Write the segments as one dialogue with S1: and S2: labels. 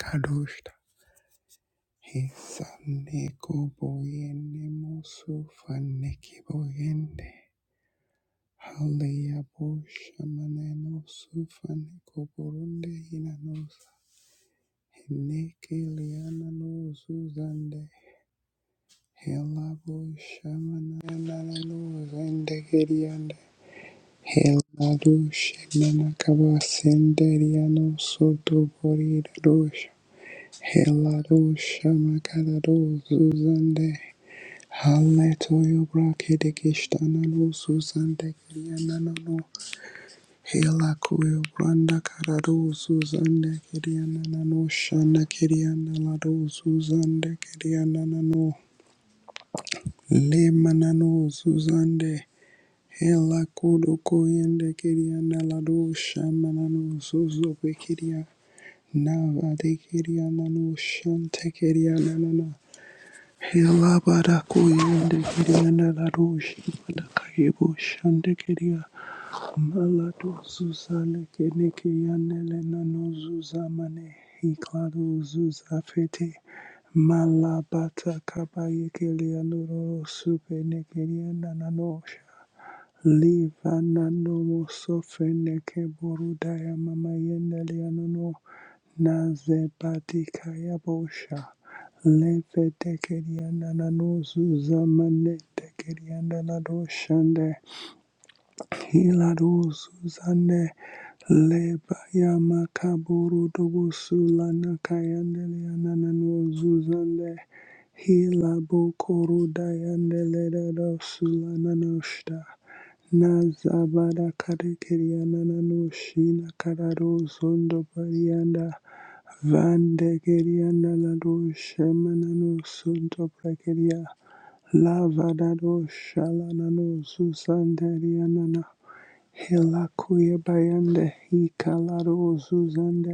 S1: Kadoshta Hisaneko Boyene Mosu Faneki Boyende Haleya Boshamaneno Sufaneko Borunde Hinanos Hineke Liana no Zuzande Hela Boshamanano Zende Geriande Hela Dushamana Kabasenderiano Soto Borida Dosha Hela Doshamakada Dozuzande Halle toyo yo bra kede geshtana lo suzande kiriana nano. Hela kuyo branda karado suzande kiriana nano. Shana kiriana lado suzande kiriana nano. Le manano suzande. Hela kudo koyende kiriana lado shamanano suzo pekiria. Nava de kiriana no shante kiriana nano. Hela bara kuyende kiriana la roshi, bada kaibo shande kiria malato zuzale kene kiyane le nano zuzamane hiklado zuzafete malabata kabaye kiriano roro supe ne kiriana nano Livana no Livananomo sofeneke borudaya mama yendelianono nazebadika yabosha levedekeriananano zuzamanedekeriananado shande Hiladu Suzanne Lebaya Makaburu Dobusu Lana Kayandele Ananano Zuzande Hilabu Koru Dayandele Dado Sulana Noshta Nazabada Kadekiri Ananano Shina Karado Zondo Barianda Vande Gerianda Lado Shemanano Sunto Prakeria Lavadado Shalanano Susanderianana Hela kuya bayanda hi kalaro zuzanda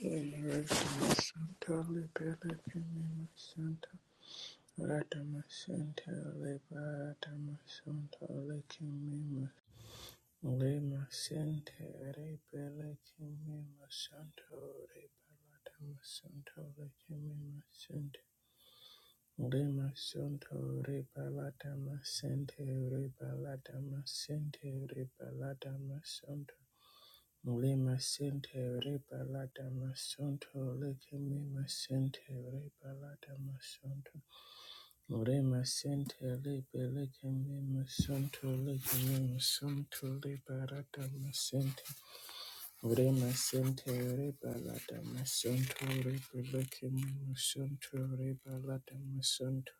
S2: Veneration Santa Libera Primima Santa Ratama Santa Liberatama Santa Lecimima Lima Santa Rebele Kimima Santa Rebelatama Santa Lecimima Santa Lima Santa Rebelatama Santa Rebelatama Santa Rebelatama Santa Lima Centere Balada Masunto Lekimima Centere Balada Masunto Lima Centere Belekimima Sunto Lekimima Sunto Liberata Masente Lima Centere Balada Masunto Rebelekimima Sunto Rebalada Masunto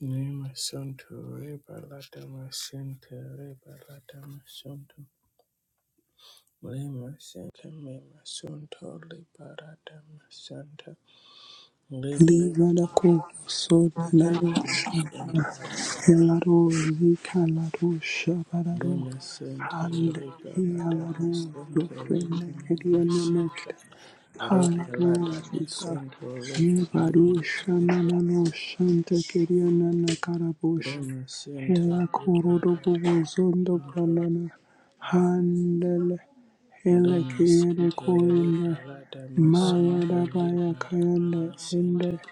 S2: Nima Sunto Rebalada Masente Rebalada masonto. Lima Santa Mima Sunto Liberata Santa
S1: livada ko sodana
S2: Liberata
S1: shabana
S2: Santa
S1: helaro hi kalaro shabararo
S2: Lima Santa
S1: hande hi
S2: Liberata
S1: alaro
S2: Sunto
S1: zofrena
S2: Lima
S1: kediana next
S2: Santa
S1: halaro
S2: Liberata
S1: zika
S2: Sunto
S1: yebaru
S2: Lima
S1: shanana no shanta kedia na na karabosha.
S2: Lima
S1: Hela
S2: Santa
S1: kurudu bubu
S2: Liberata
S1: zondo
S2: Sunto
S1: banana handele hele
S2: Lima
S1: kere
S2: Santa
S1: koinde
S2: Liberata
S1: maya
S2: Sunto
S1: dabaya kayande
S2: Liberata
S1: ende
S2: Santa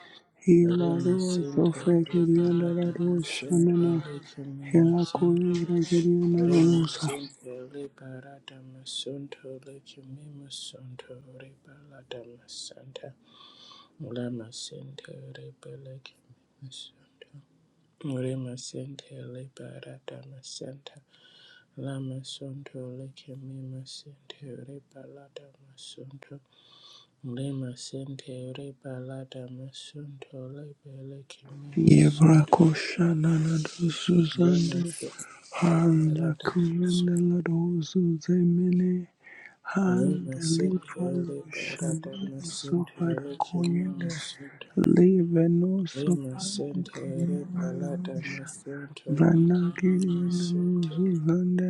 S2: Ore
S1: hila do
S2: masinde,
S1: zofe
S2: ore
S1: girianda da
S2: barata
S1: do
S2: masinde,
S1: shanana
S2: ore kimi
S1: hela
S2: masinde.
S1: kurudu girianda
S2: Ore
S1: da musa
S2: masinde, ore barata masinde, ore kimi masinde, ore barata masinde. Ore masinde, ore bele kimi masinde. Ore masinde, ore barata masinde. Ore masinde, ore kimi masinde, ore barata masinde. Ore masinde, ore barata masinde, ore bele kimi
S1: yevra
S2: masinde.
S1: koshanana do
S2: Lima
S1: suzande
S2: Sente,
S1: Hala kuyandela dozu zemene.
S2: Lima
S1: Handeli
S2: Sente,
S1: falu shani sofara kuyende. Live no
S2: Lima
S1: sopande kuyana nanusha. Vanakiri yana nuzu zande.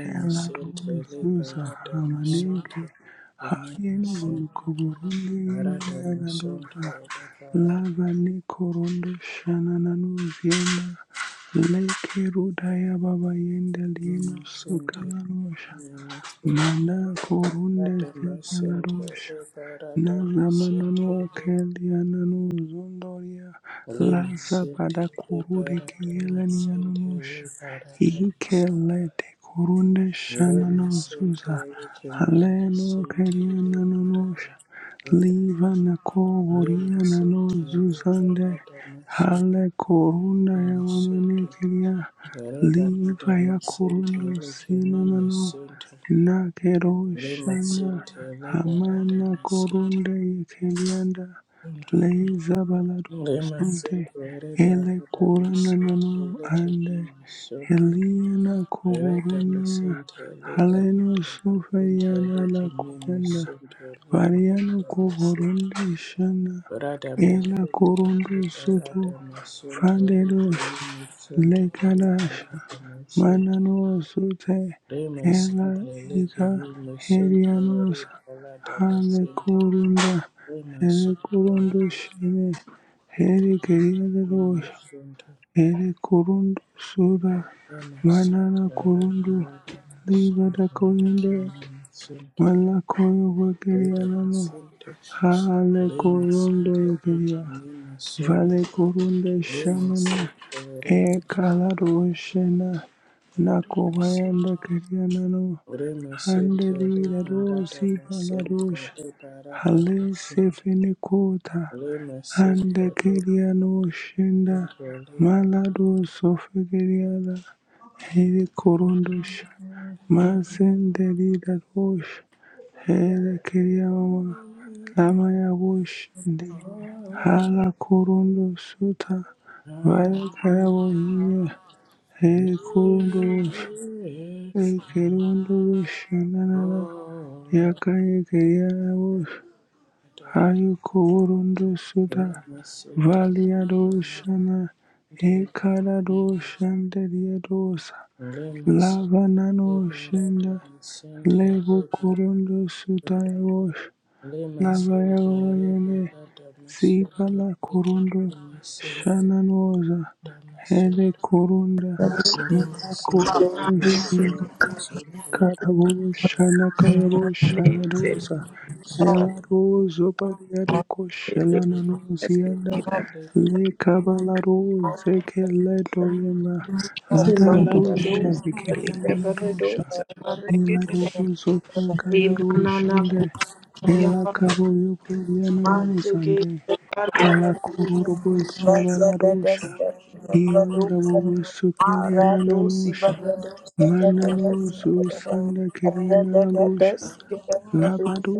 S1: Hela
S2: Sente,
S1: dozu zahamanege. Hayenu volukuburundi yenu yana doza. Lava ni korondo shana nanuzienda. Lake Rudaya Baba Yenda Lino Sukala
S2: Lima
S1: Manda korunde sekalarusha. Nazamanano
S2: Sente,
S1: anano zondoria.
S2: Lima
S1: Laza bada
S2: City
S1: kurudi
S2: Liberatama City
S1: kielenianusha.
S2: Liberatama
S1: Ikelete korunde
S2: Lima
S1: shanano
S2: City
S1: zuza.
S2: Lima
S1: Haleno
S2: City
S1: keliananusha.
S2: Liberatama
S1: Liva na nako
S2: Lima
S1: worianano
S2: City
S1: zuzande.
S2: Liberatama
S1: Hale korunda ya
S2: Lima City
S1: wamanekiria. Liva
S2: Liberatama
S1: ya
S2: City
S1: korundu
S2: Lima
S1: sinanano.
S2: City Lima
S1: Nakerushana
S2: City
S1: Hamana
S2: Liberatama City
S1: Korunda Yekelianda
S2: Lima City
S1: leiza baladu
S2: Liberatama
S1: Sunte Ele Kurana Nanu
S2: City
S1: Ande
S2: Lima City
S1: Eliana
S2: Reka
S1: Koboruna
S2: masinte lipa
S1: Haleno
S2: rada masinte
S1: Sofeyana
S2: liki mimi
S1: Lakuyanda
S2: sunto lipa
S1: Variano
S2: rada masinte
S1: Koborunda Shana
S2: rada masinte
S1: Ela Korundu
S2: lipa rada
S1: Soto
S2: masunto
S1: Frandedo
S2: liki mimi sunto lipa
S1: Lekarasha
S2: rada masinte
S1: Mananosote
S2: rima
S1: hela
S2: sinte liki
S1: ika
S2: mimi sunto
S1: herianos
S2: lipa rada masinte
S1: halekurunda
S2: rima sunto
S1: helekurundu
S2: lipa
S1: shine
S2: sinte liki mimi
S1: herigerieros
S2: sunto
S1: herikurundu sura
S2: rima
S1: manana
S2: sunto lipa
S1: kurundu
S2: rada
S1: libada
S2: masunto
S1: korinde
S2: liki mimi sunto
S1: malakoyo
S2: Reda
S1: vagerianano
S2: masente, lema
S1: halekurundu
S2: sente, reke
S1: yegeria
S2: mema sente,
S1: Vale kurunde
S2: lema
S1: shamana
S2: sente,
S1: e
S2: reka
S1: kalaro shena
S2: rada
S1: nakobayanda
S2: masente,
S1: karianano
S2: lema sente,
S1: handeli
S2: lema rada
S1: rarosi
S2: masente,
S1: valarosh
S2: lema rada
S1: hale
S2: masente,
S1: sefene kota
S2: lema sente, lema
S1: hande
S2: sente,
S1: kiriano shenda
S2: lema
S1: malado sofigiriana hele korundosh mazendeli rarosh Helekelea mama lama ya woshinde hala kurundo suta
S2: rada
S1: vaya karabo
S2: masente.
S1: hiya
S2: Will
S1: hele kurundo
S2: you
S1: wosh
S2: do it
S1: hele
S2: for me,
S1: kurundo wosh nanana
S2: oh
S1: yakaye keya wosh
S2: Lord,
S1: hayo kurundo suta
S2: Lima Center
S1: valia doshana ekara doshande dia dosa
S2: Lima
S1: lava nano shinda
S2: Liberata Center
S1: lego
S2: Liberata
S1: kurundo suta wosh
S2: Lima Center
S1: Navayoyene
S2: Liberata Center
S1: Zibala
S2: Lima Center
S1: Kurunda
S2: Lima Center
S1: Shananoza
S2: Lima
S1: Hele Kurunda Maya Kurunda Shinda Karabo Shana Kayabo Shanadoza
S2: Center
S1: Ela Rozo Bariadoko
S2: Lima
S1: Shelanazianda
S2: Center
S1: Le Kabala Rose Kele Doyema
S3: Simana
S1: Ladado
S3: da dosa, libera
S1: Shavikiriana
S3: dosa,
S1: Ela
S3: marigede
S1: roboso kala
S3: de
S1: roshande, ela kaboyo priyana
S3: Mandege
S1: nozande, hala
S3: Maradesa
S1: kururu bosaba la rosha.
S3: Mazadadesta
S1: ela
S3: Lebradosa
S1: roboso keliyana na
S3: Maradosi
S1: rosha,
S3: Bagradosa
S1: Mana
S3: Gadadesa
S1: Ilarobozoka kalaroshande, ilakaroyoproyananozande, halakororoboshabalarosha, ilarabobosokeliananosha, mananozosandakeliananalosha,
S3: Radadadesa Gabradosa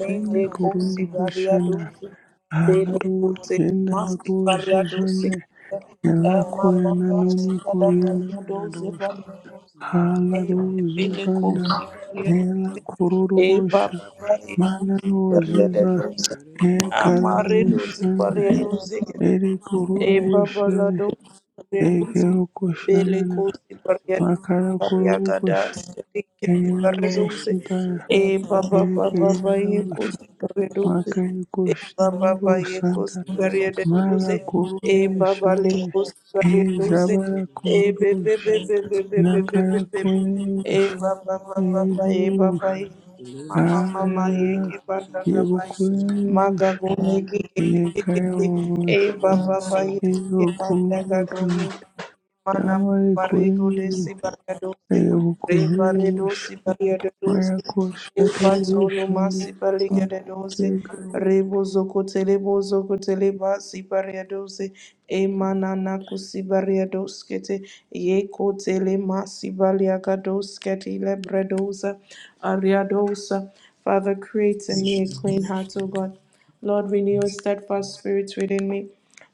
S3: Mendecosi Variadosa Dedecote Masi Variadosi
S1: halaroyendalarozozande,
S3: Emma Mama Sigada Variadosa
S1: ilakoyananonokoriananalosha.
S3: Variadosa
S1: Hala Halaruzuzana ela
S3: Eva
S1: kororobosha
S3: Eva
S1: mananuzuza
S3: Amaredo
S1: ekalarushana
S3: ziparedo zeke
S1: ere kororoboshene
S3: Ebabalado Redus
S1: egerokoshanana
S3: Belecosi Bariadus
S1: makarakorobosha
S3: Bariagadas
S2: Rima
S3: Redus
S2: sente liberada,
S1: eyerobosudaya
S2: sente
S3: Ebaba Baba baba Yecos
S1: erekererabosha
S3: Redus
S2: liberada,
S3: Ebaba Bayecos
S1: makarekoshenerosanta
S2: lima
S3: Bariadus
S2: sente liberada,
S3: Ebaba
S1: malakorobeshane
S2: sente
S3: Lecos
S2: liberada,
S3: Bariadus
S2: lima sente liberada, sente
S1: ezabarakororosha
S2: liberada,
S1: e
S3: Ebebebebebebebebebebe Ebaba Baba Baba eba baba
S1: eyerobosha
S2: lima
S3: Mama
S2: sente
S3: Mama Yeki
S1: Arara
S2: liberada, sente
S1: yebukorere
S2: liberada,
S1: bush
S3: Magago ye ge- ge- ge-
S1: yeka
S3: ge- ge- ge. Eh,
S1: yabush
S3: ba-
S2: lima
S3: ba- ba- ye-
S2: sente
S3: ye- ba- da-
S1: yebukorere
S3: ga- go- ye
S1: bush
S3: mana
S1: yamari
S3: barrego de
S1: korere
S3: sibariadose
S1: yebukorere
S3: rebaredo
S1: bush maya
S3: sibariadose
S1: kosha tere
S3: ebatono
S1: bushande
S3: masibariadose
S1: yeka
S3: rebozo kotelebuzo koteleba sibariadose emanana kusibariadoskete ye kotele masibariagadoskete lebredosa ariadosa Father, create in me a clean heart, O God. Lord, renew a steadfast spirit within me.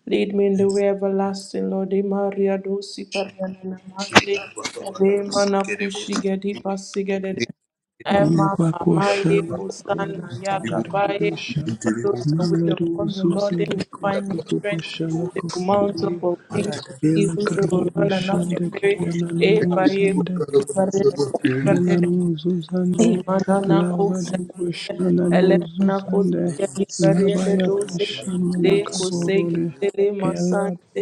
S3: Lead me in the way everlasting, Lord. E Maria dosi pariana mande, re mana kushi gedi pasi gedede. E mama
S1: yeba kosha
S3: maye
S1: na korere
S3: kusana ya
S1: sudare
S3: gabaye.
S1: busha,
S3: For those
S1: Hallelujah. Yebukuyebush. Yekayebush. busha Yamayekuyebu.
S3: that
S1: Yebukuyebush. Mayakoshaterebushande. Yekayebu.
S3: wait upon the Lord, they will
S1: Yebakoshanakurundusitarerbusha.
S3: find new strength. They will mount
S1: Malaruzusalekurubushalakurukubuye.
S3: up on wings with
S2: liberada,
S3: eagles. They
S2: sente
S3: will run and not be
S1: Yelakarububushande
S3: weary. E baye
S1: kiryanananuzande.
S2: liberada,
S3: kusi
S2: lima
S3: pariana
S2: sente
S3: kusi pariana
S2: liberada, sente
S1: Helanu Zuzande,
S2: liberada, sente liberada,
S1: Lava
S3: Imananakuse,
S2: sente
S1: de Kushananu
S3: elemanakuse,
S1: Zuzande, Labaya
S3: liberiededuce,
S1: Pashamana
S3: lecuse,
S1: Kavorode,
S3: tele
S1: Ella
S3: masante,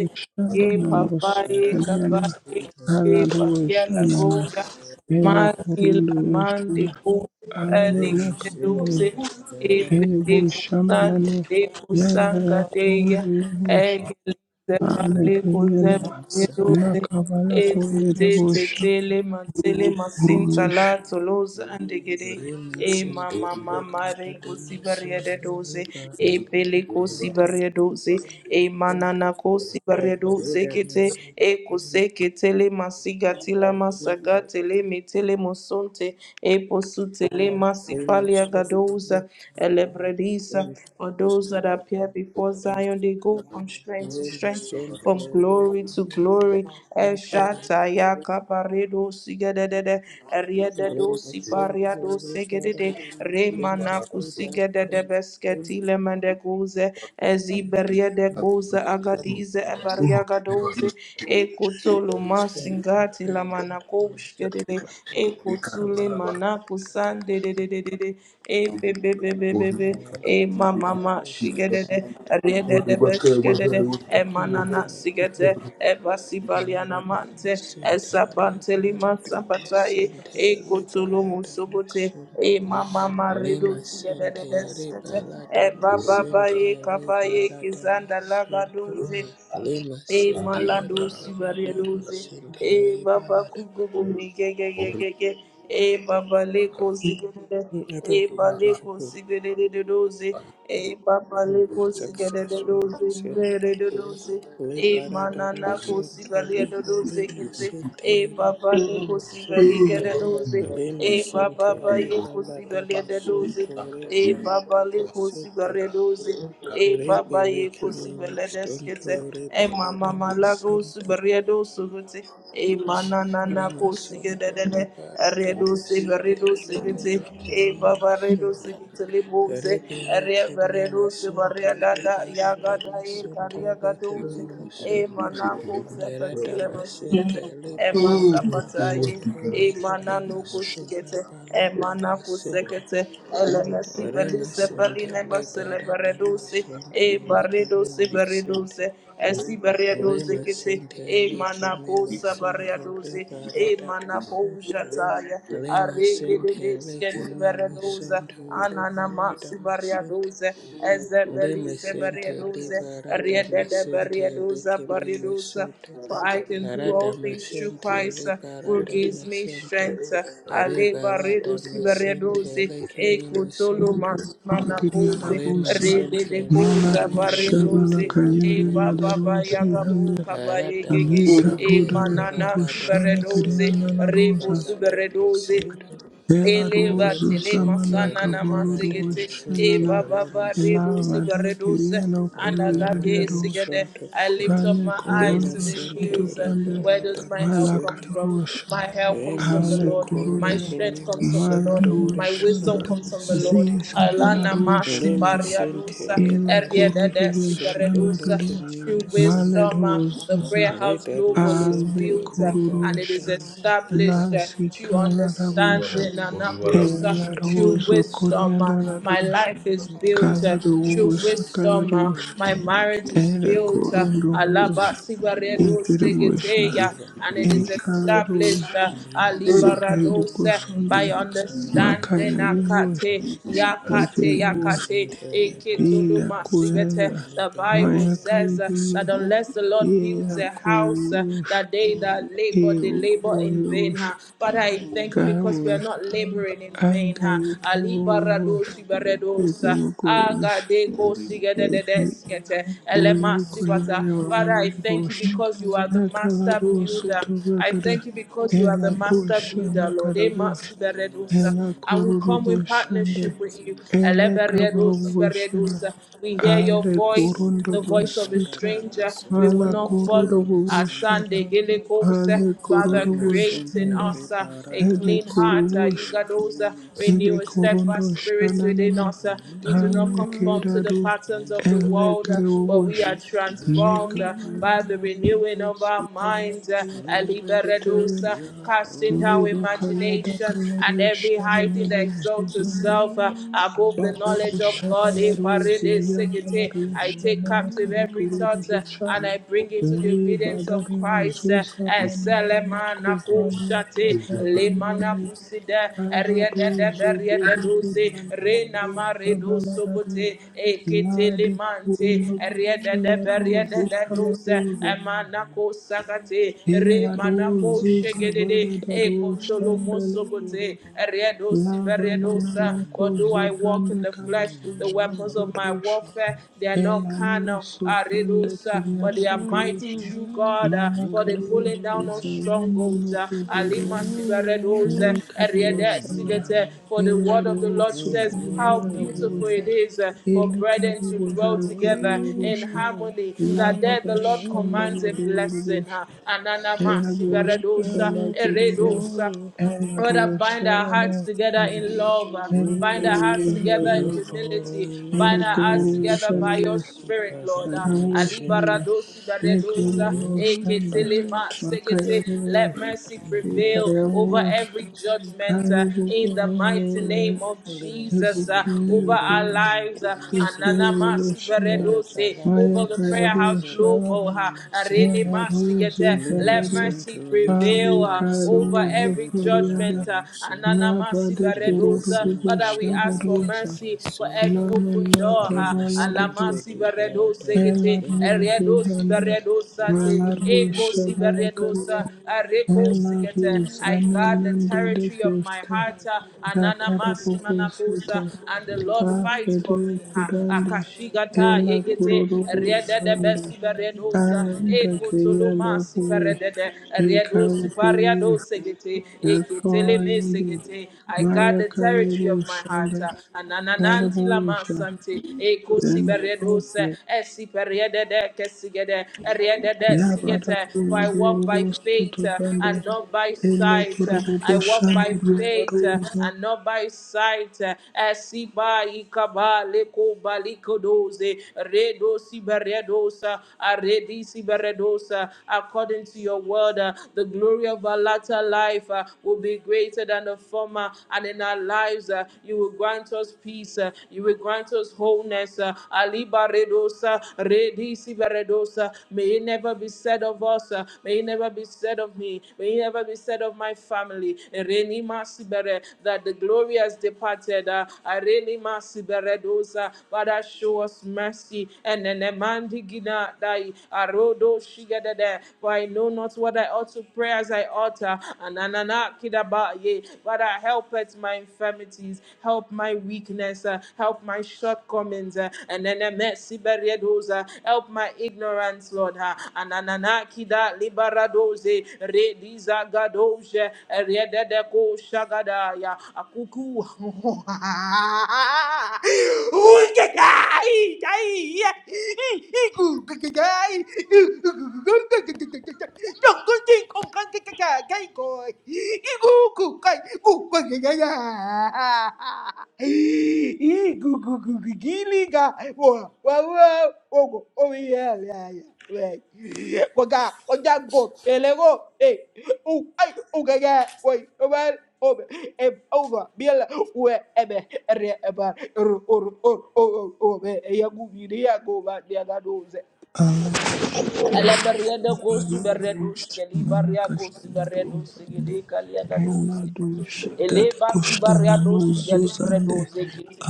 S3: ye papaye,
S1: Sukeliana,
S3: cabaye, ye
S1: Aladu
S3: papia
S1: Shanana,
S3: lagoya,
S1: Ele
S2: liberada.
S3: magila
S1: Kurundu
S3: mande,
S1: Shana,
S3: cufeli,
S2: Rema
S1: Alamana
S2: Santa
S3: deduce,
S1: Kavore,
S3: e
S2: Barata
S1: Ele
S3: pele cusande,
S1: Bushamananu,
S3: le cusanga
S1: Yanda
S3: deia,
S1: Kuru Bush,
S3: egelize,
S1: Ame
S3: vale,
S1: Kiriana,
S2: Rema Santa
S3: cuse,
S1: Nakabala
S2: Barata
S1: Kuru Bush,
S3: Etetetele mantele masinta
S1: Bush.
S3: la tolosa andegede
S2: Rema
S3: e
S2: Santa
S3: mama
S2: Barata
S3: mama re kosi baria de
S2: Santa
S3: doze
S2: Barata
S3: e pele kosi
S2: Santa Santa
S3: baria doze e manana kosi baria doze
S2: Reda
S3: kete e
S2: Santa
S3: kose
S2: Barata
S3: ketele masiga tila masaga tele metele mosonte e posu tele
S2: Rema Santa Barata Santa Barata Rema
S3: masipalia
S2: Santa
S3: gadoza
S2: Barata
S3: elebredisa
S2: Santa Barata Rema Santa
S3: for those that
S2: Barata
S3: appear before Zion they go from strength to strength from glory to glory. Eshataya kabaredo sigedede, eriededo sipariado segedede, remana
S2: Santa Barata
S3: kusigedede besketi
S2: Santa
S3: lemende guze, eziberiede kuze agadize ebariagadoze, ekutoluma singati
S2: Prayer
S3: lamana
S2: him as an
S3: kushkedede,
S2: appropriate
S3: ekutule
S2: lead to
S3: manaku man de de de de de de. E be be be be be be. E ma ma ma
S2: God will
S3: shige de de.
S2: succeed.
S3: Re de de be shige de de. E manana sigete. E basibaliana mante. E
S2: Anaradamasentele
S3: sapante lima sapataye.
S2: baradamasentere
S3: E kotolo musobote.
S2: baradamasunto
S3: E mama marido
S2: limasentere
S3: sigededeskete. E baba baye
S2: baladamasentere
S3: kabaye kizanda
S2: baradamasunto
S3: lagaduze. E malando
S2: limasentere
S3: si variadoze.
S2: baladamasentere
S3: E baba
S2: balada.
S3: kugo bumi gege gege ge. ge. E baba leko sigede. E
S2: Everyone,
S3: baleko
S2: Joshua.
S3: sigede de doze. E baba
S2: will be
S3: leko sigede de
S2: successful in
S3: doze.
S2: Sente.
S3: Vere de doze. E
S2: Libera da
S3: manana ko
S2: Masunto,
S3: sigari de doze
S2: Libera
S3: kese. E
S2: Masente,
S3: baba
S2: Libera
S3: leko sigari
S2: Masente,
S3: de doze.
S2: Lima
S3: E baba
S2: Sente,
S3: ba yeko
S2: Libera da
S3: sigari de doze
S2: Masunto,
S3: e
S2: Libera
S3: baba
S2: da
S3: le kosi
S2: Masente,
S3: baredoze e baba ye
S2: Rebele
S3: kosi
S2: Kimi
S3: beledeskete
S2: Mixunto,
S3: e
S2: Libera
S3: mama
S2: da
S3: malago si
S2: masente
S3: beredo sugute e mana nana kosi
S2: Ramasonto
S3: gedede
S2: liberata
S3: redo si
S2: masente
S3: beredo sigete
S2: libere
S3: e
S2: kimimo
S3: baba redo
S2: sonto
S3: sigete le boze
S2: rebele
S3: re
S2: kimimo
S3: beredo si
S2: sente
S3: bareda da
S2: liberata
S3: yaga da ye
S2: masonto
S3: kariya gadoze
S2: lekimimo
S3: e
S2: sonto
S3: mana kosi
S2: erata
S3: patile
S2: masente
S3: besigete e
S2: liberata
S3: masapataye
S2: masonto
S3: e mana
S2: lekimimo
S3: no kosi
S2: spuna
S3: gete
S2: balata
S3: Emana
S2: masente
S3: kusekete eleme si pelise
S2: remasente
S3: peline basele
S2: liberata
S3: bereduse e
S2: masonto
S3: bareduse
S2: lekimimo
S3: bereduse
S2: sente
S3: esi bereduse
S2: Lima
S3: kete
S2: Santa
S3: e
S2: Lake
S3: mana
S2: Mima
S3: kusa
S2: Santo
S3: bereduse e
S2: Liberata
S3: mana
S2: Masunto
S3: kushataya
S2: Lema
S3: arege de
S2: sente
S3: deske
S2: leke
S3: di
S2: meme
S3: beredusa
S2: sunto rebalada
S3: Ananamasu
S2: masente.
S3: Bariaduze,
S2: Lema
S3: Ezebelise
S2: sente
S3: Bariaduze,
S2: liberada
S3: Riedede
S2: masente
S3: Bariaduza
S2: leke meme
S3: Bariaduza.
S2: sunto.
S3: For I can do all
S2: Arada
S3: things through
S2: masente
S3: Christ, uh, who
S2: liberada
S3: gives me
S2: masunto.
S3: strength. uh, Ale
S2: Rebalada
S3: Bariadusi
S2: masente
S3: Bariaduze,
S2: leke meme
S3: Ekotolo
S2: sunto.
S3: Masmana
S1: Ndikiria la
S3: Pose,
S2: Lema
S1: busa
S2: sente
S3: Riedede
S2: leke
S3: Koza
S2: meme
S1: malarusha
S3: Bariaduze,
S2: sunto leke
S3: E
S1: balakayendele
S2: meme
S1: la
S3: Baba
S2: sunto.
S1: rosi hande
S3: Bayagabu
S2: Arada
S3: Kabayegege,
S1: alika
S3: E
S2: masente
S1: ruda ya
S3: Manana
S2: liberada
S1: bubushana
S3: Suberedoze,
S2: masente
S1: kirianda la
S3: Rebo
S1: rosa
S2: liberada
S3: Suberedoze,
S2: masonto.
S1: ela
S3: Eleva
S2: Ore
S1: rosu
S3: tele
S2: masente
S1: samana
S3: masana
S2: re
S3: na
S1: kabulu
S2: barada
S3: masigete
S1: dubushana
S3: e
S2: masente
S1: na
S3: baba
S2: re
S3: ba
S2: masente
S3: reduce
S1: lava
S3: ba
S1: de
S3: reduce
S1: kiriana
S2: re
S1: kuyendele
S2: barada
S1: ya
S3: anagade
S1: rosa
S3: sigede.
S2: masonto
S3: I lift up
S1: rani
S3: my
S2: re
S3: eyes to
S1: korunda
S3: the
S2: masente
S1: sutu
S3: hills.
S2: re
S3: uh,
S1: pande
S3: Where does
S2: barada
S3: my help come
S2: masente
S3: from?
S1: malakarabusha
S3: My help
S2: re
S3: comes from the
S1: ale
S3: Lord.
S2: masonto re
S3: My
S1: korunde
S2: kemi
S3: strength comes from the
S2: masonto
S3: Lord.
S2: re
S3: My
S1: malarusha
S3: wisdom
S2: barada
S3: comes from the Lord.
S2: masente
S1: zisa
S3: Alana masi
S2: re
S1: balarushande
S2: masente
S3: pariadusa
S2: re
S1: Ela
S3: erieda
S2: barada
S3: desi
S1: kororo
S2: masonto
S1: shana
S2: re
S3: paredusa.
S1: gadea
S2: kemi
S3: Through
S2: masonto
S3: wisdom, uh,
S1: maledo
S3: the prayer
S1: zuza
S2: re
S3: house
S2: da
S3: global is
S2: masente
S1: ale
S3: built uh,
S2: re
S3: and it
S2: barada
S3: is
S1: kororosha
S2: masonto.
S3: established
S1: la
S3: to
S1: zikala rabosha
S3: understanding, and also
S1: ela
S2: Worship you,
S3: to
S1: rozo
S2: Lord,
S3: wisdom. uh,
S1: korianda la
S3: My
S1: dosha
S3: life is
S2: and give
S3: built
S2: you
S3: uh,
S1: kala
S3: to
S2: praise.
S1: rosa
S2: And
S1: kala
S3: wisdom. uh,
S2: turn
S1: rosha
S2: this
S3: My
S2: over to
S3: marriage is
S1: ela
S3: built. uh,
S1: korondo
S3: Alaba
S1: rosha
S3: Sibaredo
S2: Now,
S1: ekerebosha
S2: that's a
S3: Segeteya,
S2: running
S3: and it
S1: e
S2: back.
S3: is
S1: kala
S3: established.
S1: rosha
S3: uh,
S2: Only my sin tele had no
S3: Alibaradose
S2: use
S3: by
S2: of
S1: ekerebokosonde
S2: this name and
S1: makaya
S3: understanding
S2: connections of the right
S1: rebosha
S3: akate
S2: people.
S3: yakate
S2: Only my
S1: ekerebosha
S2: sin
S3: yakate
S2: tele, but I
S1: iya
S2: damn
S3: eketoloma
S2: my sin
S1: koyanda
S3: sivete.
S2: totally
S3: The
S2: belly
S3: Bible
S1: maya
S2: can
S3: says uh,
S1: kayekeya
S3: that unless the Lord builds a house, uh,
S1: Hieroglyphs,
S3: that they that labor they labor in vain. Huh?
S1: hieroglyphs,
S3: But I thank you because we are
S1: cowls,
S3: not laboring in vain. Huh? Ali barados
S1: anti-hieroglyphs,
S3: ibaredos uh,
S1: hieroglyphs,
S3: agade ko sigededede skete elema sivata. Father, I thank you
S1: hieroglyphs,
S3: because you are the master
S1: nakalados
S3: builder. I
S1: utubakada,
S3: thank you because you are the master
S1: elakush,
S3: builder, Lord. Ema
S1: nakalabush,
S2: Lema
S3: siberedosa.
S2: sente
S3: And we
S2: le
S3: come in
S1: elakurubush,
S2: parada
S1: and
S3: partnership
S2: me
S3: with you.
S2: sente le kimi
S3: Eleberedo
S2: me
S1: elakaburubush,
S2: sente
S1: and
S3: siberedosa. We hear your voice
S2: Aradamasente
S3: the voice of a
S1: alekurundubusuta,
S3: stranger we
S2: liberadamasonto
S3: will not follow. Our
S1: malakurubush,
S2: lekemimasonto
S3: Sunday Gilikosa,
S1: Ale
S3: Father,
S1: kororobo
S3: create
S2: rimasente
S3: in
S1: shande,
S3: us uh, a
S1: ele
S3: clean heart,
S2: liberadamasonto
S3: uh,
S1: korobo sha,
S3: Igadosa, renew
S1: ele
S3: a
S2: lekemimasente.
S1: korondo
S3: steadfast spirit within
S1: shananana,
S3: us. uh, We do not
S2: We
S1: ame
S3: conform to the
S1: kedado,
S2: worship
S3: patterns
S2: you,
S3: of the
S1: ele
S3: world, uh, but
S1: kerebo
S3: we
S1: sha,
S3: are transformed uh,
S1: neka
S3: by the
S1: bayana
S2: Adonai.
S3: renewing
S1: rabo
S3: of our
S1: sutaya
S3: minds. uh,
S2: We
S1: rabo
S2: lift up
S1: sutuyan,
S3: Aliberedosa,
S2: your
S3: Casting our
S2: holy
S1: leba kayada
S2: name.
S3: imagination and
S1: kalaro
S3: every high thing
S1: shamanaro
S3: that exalts
S1: zuzande,
S3: itself uh, above
S2: Mm-hmm.
S3: the
S1: barako
S3: knowledge
S2: Mm-hmm.
S3: of God. Eh,
S1: shabalaro
S3: parede segete.
S1: ziyanalaro
S3: I take captive
S1: shamanakare
S3: every thought uh,
S1: kororobo sha,
S3: and I bring it to the obedience of
S1: Libadari
S3: Christ. uh,
S1: uzuza
S3: eh,
S1: manmane
S3: selemana
S1: kuvalia
S3: kushate, lemana
S1: tapayandele
S3: kusida,
S1: karatu
S2: Mm-hmm.
S1: zubediki mandalaru
S2: Mm-hmm. Mm-hmm.
S1: sabalararu ladi kuundo bashalaru zikalaruza hilaru zuza
S3: de e
S1: valadaru
S3: kotolo
S1: shandele kuru
S3: mosogote redo siberedosa.
S1: lavanananoku
S3: For do I walk in
S1: zobrande
S3: the flesh?
S1: kalatu
S3: The weapons of my
S1: shabaladu
S3: warfare they are not carnal,
S1: Elamusu
S3: ah,
S1: pande
S3: redosa, but they
S1: kiriada da
S3: are mighty
S1: dusha,
S3: through God. ah, For the
S1: malakadu
S3: pulling down of
S1: salamu
S3: strongholds, ah, alima
S1: nukuvuriada,
S3: siberedosa,
S1: lekadu
S3: erede
S1: shana,
S3: sigete. For the word of the
S1: eladu
S3: Lord says, How
S1: sukiriada da
S3: beautiful it
S1: buwisa,
S3: is uh, for brethren
S1: elekabu
S3: to dwell
S1: bujaru
S3: together
S1: kuru
S3: in
S1: busha,
S3: harmony. That
S1: lava
S3: there the Lord
S1: bashanda
S3: commands
S1: da
S3: a
S1: duru
S3: blessing.
S1: busha,
S3: huh? Anana
S1: eladu
S3: masiberedosa.
S2: We
S3: Redosa,
S1: shandala
S2: bow
S1: kuruna,
S2: before
S3: Eredosa.
S2: you.
S3: Lord,
S1: eladu
S3: bind our hearts
S1: shalano
S3: together
S1: sana,
S3: in love. uh,
S2: We
S3: Bind our
S1: elekabu
S2: lift
S3: hearts
S2: up
S3: together
S1: bujaru,
S3: in
S2: your
S3: humility.
S2: holy
S3: Bind our
S2: name,
S3: hearts
S1: elekabu
S2: Lema
S3: together by
S2: Santo,
S3: your
S1: bujaru
S3: spirit, Lord.
S2: Liberata
S3: uh,
S2: Masente.
S1: Agawushanda,
S3: Alibaradosi baredosa,
S2: You
S1: Nikolawushanda,
S2: are
S3: eketelema
S2: great,
S3: segete. Let
S1: Makayavush,
S3: mercy
S2: you
S3: prevail
S2: are
S3: over
S1: Ikayavush,
S3: every
S2: worthy to be
S3: judgment uh, in
S2: praised.
S3: the mighty name
S1: Ayubukuruvus,
S3: of
S2: Lema
S3: Jesus. uh,
S2: Santo,
S3: Over our
S1: Ibukuruvus,
S3: lives.
S2: Liberata
S3: uh,
S2: Masente.
S3: Ananamasi
S1: Ikuruvushanda,
S3: baredose,
S2: Rebalata
S3: Over the prayer house
S2: Masunto, Lake
S3: global.
S1: Mayakayavushana,
S3: uh,
S2: Mima Center.
S1: Hilarus,
S3: Arenemasigete.
S2: Lima
S3: Let mercy
S1: Ikabari,
S3: mercy
S2: Sunto, Lake
S3: prevail uh,
S2: Mima
S3: over
S1: Palikarus,
S2: Center,
S3: every
S1: Ukuriana,
S2: Rebalata
S3: judgment. uh,
S2: Masunto.
S3: Anana masi
S1: Nabadi
S2: Lima
S3: baredosa. Father,
S2: Center,
S3: we
S1: Kuruvushana
S3: ask for
S2: Liberata
S1: Rosa,
S3: mercy for
S2: Masunto.
S3: every open
S1: Lamana
S3: door. uh,
S2: Rima
S1: Kavala
S2: Center,
S3: Alamasi
S2: the Barata
S3: baredose gete,
S2: Mission, Rima
S3: eredosi
S1: Elaruzuhanda,
S3: baredosa
S2: Center.
S3: te, ekosi
S1: Malarushabalakanda,
S3: baredosa, arekosi gete.
S1: Elarus
S3: I guard the
S1: Amananda de
S3: territory of my
S1: Costa,
S3: heart. uh, Anana
S1: Dakara
S3: masi manakosa,
S1: Bobosita,
S3: and the Lord fights for
S1: Afede
S3: me. uh,
S1: Kuranda,
S3: Akashigata
S1: Ela
S3: yegete,
S1: Kurobo
S3: Rieda de
S1: Sande,
S3: Bessiberedosa, Eko baredosa,
S1: Anda Kayala
S3: ekotolomasi
S1: Pue,
S3: siparedede, Riedo
S1: Ikarapu,
S3: supariado segete, eketele me
S1: Yakoyende,
S3: segete. I guard
S1: Maya
S3: the territory of my heart.
S1: Kayerushanda,
S3: uh, Ananananti lama
S1: Yarabusha,
S3: sante, eko
S1: and
S3: siberedo se,
S1: Helpful,
S3: esiperedede kesigede, riedede
S1: Yabada
S3: sigete. For I walk
S1: Kurobo
S3: by faith uh,
S1: Sutubande,
S3: and not by
S1: Ele
S3: sight. uh,
S1: korobobo
S3: I walk by
S1: shandiriya
S3: faith uh,
S1: roza
S3: and not by sight. uh, Esiba ikaba leko balikodoze, redo siberedosa, aredi siberedosa, uh, according to your word. uh, The glory of our latter life uh, will be greater than the former, and in our lives, uh, you will grant us peace, uh, you will grant us wholeness. uh, Aliba redosa, redisi veredosa. May it never be said of us, uh, may it never be said of me, may it never be said of my family. Ereni masibere, That the glory has departed. uh, Areni masiberedosa. Father, show us mercy. And then Mandigina do shigadada. For I know not what I ought to pray as I ought. uh, Ananana kidaba ye. But I help at my infirmities, help my weakness, uh, help my shortcomings, uh, and then a mercy barriados, uh, help my ignorance, Lord. uh, Ananana kida libaradoze, re dizagadoze, rededeko shagadaya, akuku. Uy, que caí, caí, eh, eh, eh, cu- cu- cu- caí, Ele berreda
S1: baya
S3: gosu berredus,
S1: dosha
S3: que li
S1: mana
S3: barria gosu
S1: kashtana
S3: berredus, que de calia
S1: ela
S3: gadose.
S1: dosha
S3: Ele
S1: dade
S3: basi
S1: koshtana
S3: barria
S1: no
S3: dosi gali
S1: zuzande
S3: bredoze kiti.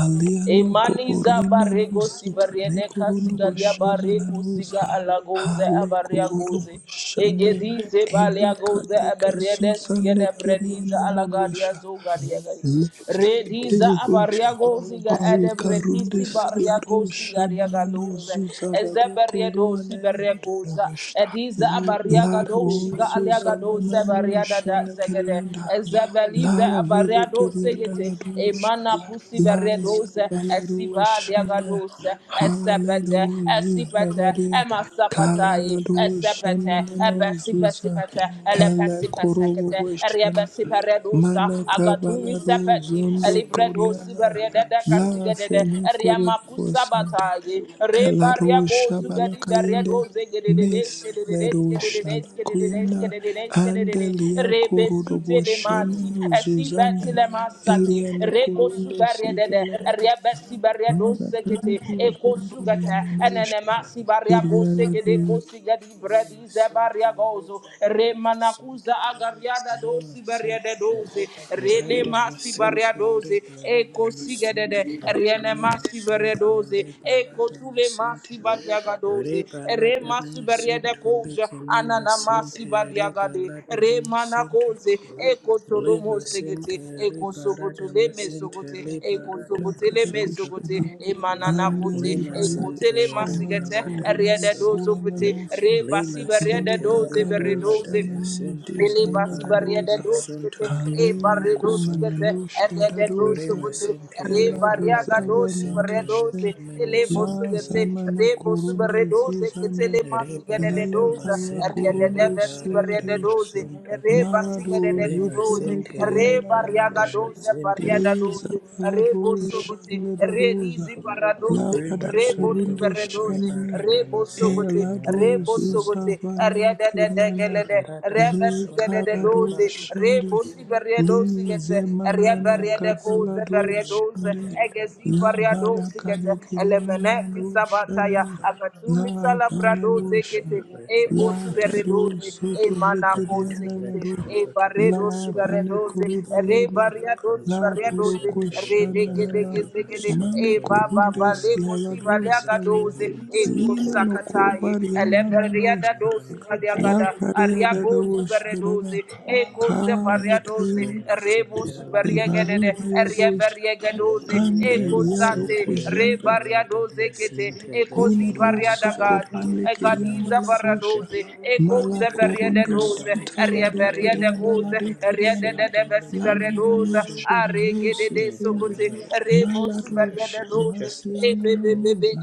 S3: E
S1: aliano
S3: maniza
S1: goborina no
S3: barrego si
S1: suta ne
S3: barrede
S1: korono
S3: casigalia barre
S1: boshandana
S3: cosiga
S1: noza
S3: alagoze
S1: hale
S3: abarria goze.
S1: korobo shanda
S3: Egedize balia
S1: ema
S3: goze
S1: kadika
S3: eberede
S1: zuzande
S3: sigede brediza
S1: kiriana no
S3: alagadia
S1: rosha
S3: zogadia gai. Rediza
S1: Lekeyekosha.
S3: abariago siga ede
S1: Harikarunde
S3: bredisi bariago
S1: silarusha
S3: sigaria
S1: manano
S3: galuze.
S1: zuzavada
S3: Ezeberiedo
S1: kolua nenendo
S3: siberekoza.
S1: nogoshta.
S3: Ediza abariaga do
S1: Larabo
S3: shiga aliaga do
S1: Susamanano
S3: seberiada da zegede.
S1: Shanakarianda
S3: Ezebelize
S1: La
S3: abariado
S1: Vedikarianda
S3: segete.
S1: Ladosha
S3: Emana pusi
S1: La
S3: beredoze.
S1: Zabalado
S3: Esiva
S1: Shanda
S3: liagadose. Esepete.
S1: Halado
S3: Esipete.
S1: Zuzavari
S3: Emasapatae.
S1: Kalado
S3: Esepete
S1: Shamanano
S3: ebesi besi
S1: Zuza
S3: bete, ele
S1: Ela
S3: pesi
S1: Korobo
S3: pesekete, erie
S1: Shanda
S3: besi peredosa, agatumi
S1: Manakabalado
S3: sepeti,
S1: Zundo
S3: elibredo
S1: Koriana
S3: de dede
S1: La
S3: kasigedede,
S1: Fene
S3: erie makusa
S1: Korobo
S3: bataye, re baria
S1: Elarusha
S3: gozu gedi berie
S1: balakayende
S3: de gededede,
S1: mes
S3: de
S1: lerusha
S3: skededede,
S1: lakuyana
S3: skededede, skededede,
S1: ande
S3: de. re
S1: liakurudo
S3: besu
S1: boshene
S3: telemati, esi
S1: nuzuzande
S3: beti lemasati,
S1: eliano
S3: re kosu
S1: kurundo
S3: berie dede,
S1: sizala
S3: erie besi berie dosekete, eko sugata, enene
S2: Thank
S3: masi
S2: you.
S3: baria
S1: shiriana
S3: gose gede
S1: runa
S3: kosi gedi
S2: Lima
S3: di
S2: Center,
S3: zebaria gozo
S2: River Lata
S3: remanakuza
S2: Center,
S3: agariada
S2: Lima
S3: dosi baria de
S2: Center,
S3: doze rene
S2: Rita
S3: masi baria
S2: Center,
S3: doze
S2: River Lata
S3: eko sigedede
S2: Center,
S3: rene
S2: Lima
S3: masi baria
S2: Center,
S3: doze
S2: River
S3: eko
S2: Lata
S3: tule masi
S2: Center,
S3: baria gadoze
S2: River
S3: re
S2: Lata
S3: masi baria de
S2: Center,
S3: koja
S2: Lima
S3: anana masi
S2: Center,
S3: baria
S2: River
S3: gade
S2: Lata
S3: re
S2: Center,
S3: manakoze eko tolomo
S2: Lima
S3: segete
S2: Center,
S3: eko
S2: River Lata
S3: sogotole me
S2: Center,
S3: sogote
S2: River
S3: eko
S2: Lata
S3: sogotele me
S2: Center,
S3: sogote
S1: katakushtere
S3: emanana
S1: ande
S3: kote
S2: Lima
S1: libaya
S3: eko tele
S2: Center, River
S1: bushamana
S3: masigete
S2: Lata
S3: re
S1: kurundi
S3: de dozo
S2: Center.
S1: siana
S3: pete
S1: nosha
S3: re bas basi
S2: Lima
S3: barriada
S2: sente
S1: Leva
S3: doze
S2: libera
S1: kadosha
S3: berredoze
S2: dama
S1: nanuzu
S2: sente
S3: Ele
S1: sanda
S3: basi
S2: libera
S3: barriada
S1: dadoza.
S2: dama
S3: doze gete
S2: sunto
S3: e
S2: leke
S1: Aleno
S3: barre
S2: mimo
S3: doze
S1: koma
S2: sunto
S3: gete
S1: nanusha
S3: erriada doze
S1: dadoza.
S2: Lima
S3: gete
S2: sente
S3: re
S1: Ela
S2: libera
S3: barriaga
S2: dama
S1: dozava
S3: dosi
S2: sente
S3: barre
S1: nanusha.
S3: doze
S2: leke mimo
S3: ele bosu
S1: La
S2: sunto
S3: gete
S2: leke
S1: zamana
S3: re
S2: mimo
S3: bosu
S1: korunde
S3: barre
S2: sunto
S3: doze gete
S1: zizande.
S3: le masi gede
S2: Libera
S3: de doze
S2: dama
S1: Leva ya
S3: erriada
S2: sente
S3: de
S1: korundo
S3: basi
S2: libera
S3: barriada
S2: dama
S1: suladesha.
S3: doze
S2: sunto
S3: re
S1: Mara
S3: basi gede de de
S1: dozo
S2: Lima
S3: doze
S1: fene
S2: sente
S3: re
S1: kirianda
S2: libera
S3: barriaga
S1: nanusha.
S2: dama
S3: doze
S2: sente
S3: barriada
S1: Leza
S3: doze re
S1: Balado
S3: bosu gete re
S1: Shanadadoza
S3: dizi barra doze
S1: Labada
S2: Lima
S3: re bosu
S2: sunto
S1: Kurunde
S3: berre doze
S1: Shanane
S2: libera
S3: re
S2: dama
S3: bosu
S2: sente
S1: Elado
S2: Lima
S3: gete
S2: sente
S3: sogote
S1: Zuzavane
S3: riada de de
S1: Kediana
S3: gelede
S2: Radama
S3: reba
S1: Le
S3: sigede
S2: sunto
S3: de
S1: Karado
S3: doze
S2: libera dama
S1: Shande
S3: rebo
S2: sente
S3: siberia
S1: Li
S3: doze gete riaba
S1: Zemanana
S2: Lema
S3: riada koze
S1: Kabalado
S3: beria
S2: Sintele
S3: doze
S1: Shande
S2: Karata
S3: egezi beria
S2: Masanto.
S1: Lavada
S3: doze gete
S1: Kade
S3: elemene
S1: Kediana Do
S3: kisabataya
S1: Shande
S3: akatumi salabra
S1: Lavanado
S3: doze kete
S1: dosha
S2: Pray
S3: e
S2: for your
S3: bosu
S1: La
S3: bere
S2: grace, Lord.
S1: Kado
S3: doze e
S1: Soto
S3: mana
S2: For
S3: koze
S1: Rekediana
S3: gete
S1: Nado
S2: intervention
S3: e
S2: for
S3: bare
S2: justice,
S3: doze
S2: Lord.
S3: bere
S1: Lavane
S3: doze re
S2: Only
S1: Kurunde
S2: right
S3: baria doze
S2: outcomes
S1: La
S2: we
S3: baria
S2: must
S3: doze
S1: Boroko
S3: re
S2: Sintele
S3: de gede
S1: Shananana
S2: Barata
S3: geze gede e
S1: Mane
S2: Masanto
S3: baba
S1: Kurunde
S3: bale
S2: Lekemi
S3: kosi bale
S2: Masanto
S1: Sialadosale
S3: agadoze
S2: Lekemi
S3: e
S1: Lina
S2: Masante.
S1: no
S3: kusakataye
S2: Not
S3: ele
S1: Kobarianana
S2: even the
S3: Riada
S1: Nosha
S2: right
S3: dos
S2: outcomes,
S1: La
S2: Lord.
S3: Aliagada,
S1: Kariera
S3: Ariago
S1: Roshana
S3: Suberedoze, Eco
S1: Kala
S2: Justice,
S3: Separiadoze,
S1: Kriya
S2: Lema
S3: Rebo
S2: Sintele
S3: Superiagade,
S2: Barata
S1: Lebaruda Yabosha
S2: Masante.
S3: Ariabariagadoze,
S1: Ande
S3: Eco
S2: Lema
S1: Liaro
S3: Sate,
S2: Sintele
S1: Kujande
S2: Barata
S3: Rebariadoze Kete,
S2: Masante
S3: Eco
S2: Lekemi
S3: Zivariada
S1: Imedoso
S2: Masanto
S3: Gadi,
S1: coprande
S2: Lekemi
S1: querianda
S3: Egadiza
S1: la
S2: Masante.
S1: dosha.
S3: Baradoze, Eco
S1: Mala corondo
S3: Zeberiadoze,
S1: suta la de
S2: Redamasunto
S1: querianda la
S3: Ariabariadagoze,
S1: de
S2: liberatama
S3: Riada
S1: querianda.
S2: sente
S3: de
S1: La
S3: Besiberedoza,
S1: mananoche
S2: lekememasunto.
S1: la
S3: Aregede
S1: noso
S3: de
S2: I get
S1: pende.
S2: my
S3: Sogote,
S2: money back in
S3: Rebo
S2: the
S1: Mala
S2: food. I
S1: dosha
S2: got
S1: la
S3: Superiadoze,
S2: justice of
S1: siana
S2: the fool.
S3: Ebebebe.
S1: nanosa.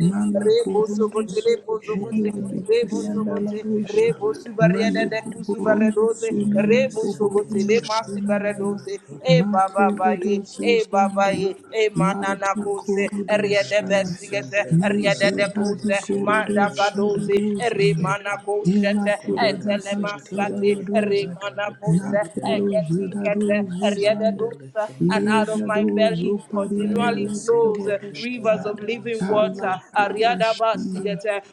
S2: And
S1: Mala
S2: when it comes to
S3: Sogote,
S1: corundos.
S3: Rebo
S2: shente
S3: Sogote,
S1: Mwana
S2: lema
S3: Rebo
S1: kirianda la
S2: sente
S3: Sogote,
S1: rosha
S2: liberatama
S1: mane
S3: de
S2: sunto.
S1: koborondo
S3: Cusubaredose,
S1: sonana
S2: Lema
S3: Rebo
S2: sente
S1: koborondo
S3: Le
S1: shemanana
S2: liberatama
S3: Masibaredose,
S2: sunto.
S3: E Baba
S1: makerede
S3: E Baba
S1: zuzanda
S3: E Manana
S1: lata korodo
S3: Riede
S1: shana
S2: Ratama sente
S3: Bestigate, Riede de
S1: nezebadi
S2: liberatama
S3: Cose,
S1: korodo
S2: sente
S1: shada
S3: Madagadose,
S2: liberatama
S1: rozanda
S3: Remana
S2: sunto.
S1: ela kurada
S2: Lima
S1: pashabala
S3: Etelemasate,
S2: Centere
S1: doza
S2: Balada
S3: Remana
S1: nakelo
S2: Macentere
S1: jeda
S2: Balada
S3: Eketikete,
S1: dozu
S3: Riede
S1: zande,
S2: Macentere
S3: Dosa, and
S2: Comino
S3: out of
S1: leda
S3: my
S2: Santo
S1: dozo
S3: belly
S1: parianda
S3: continually
S2: Rema
S1: la
S3: flows uh,
S2: Centere
S1: karababashana
S3: rivers of
S2: Balada
S3: living
S1: ala
S3: water.
S2: Masunto
S3: Ariadaba
S1: kalabashande
S3: Sigete,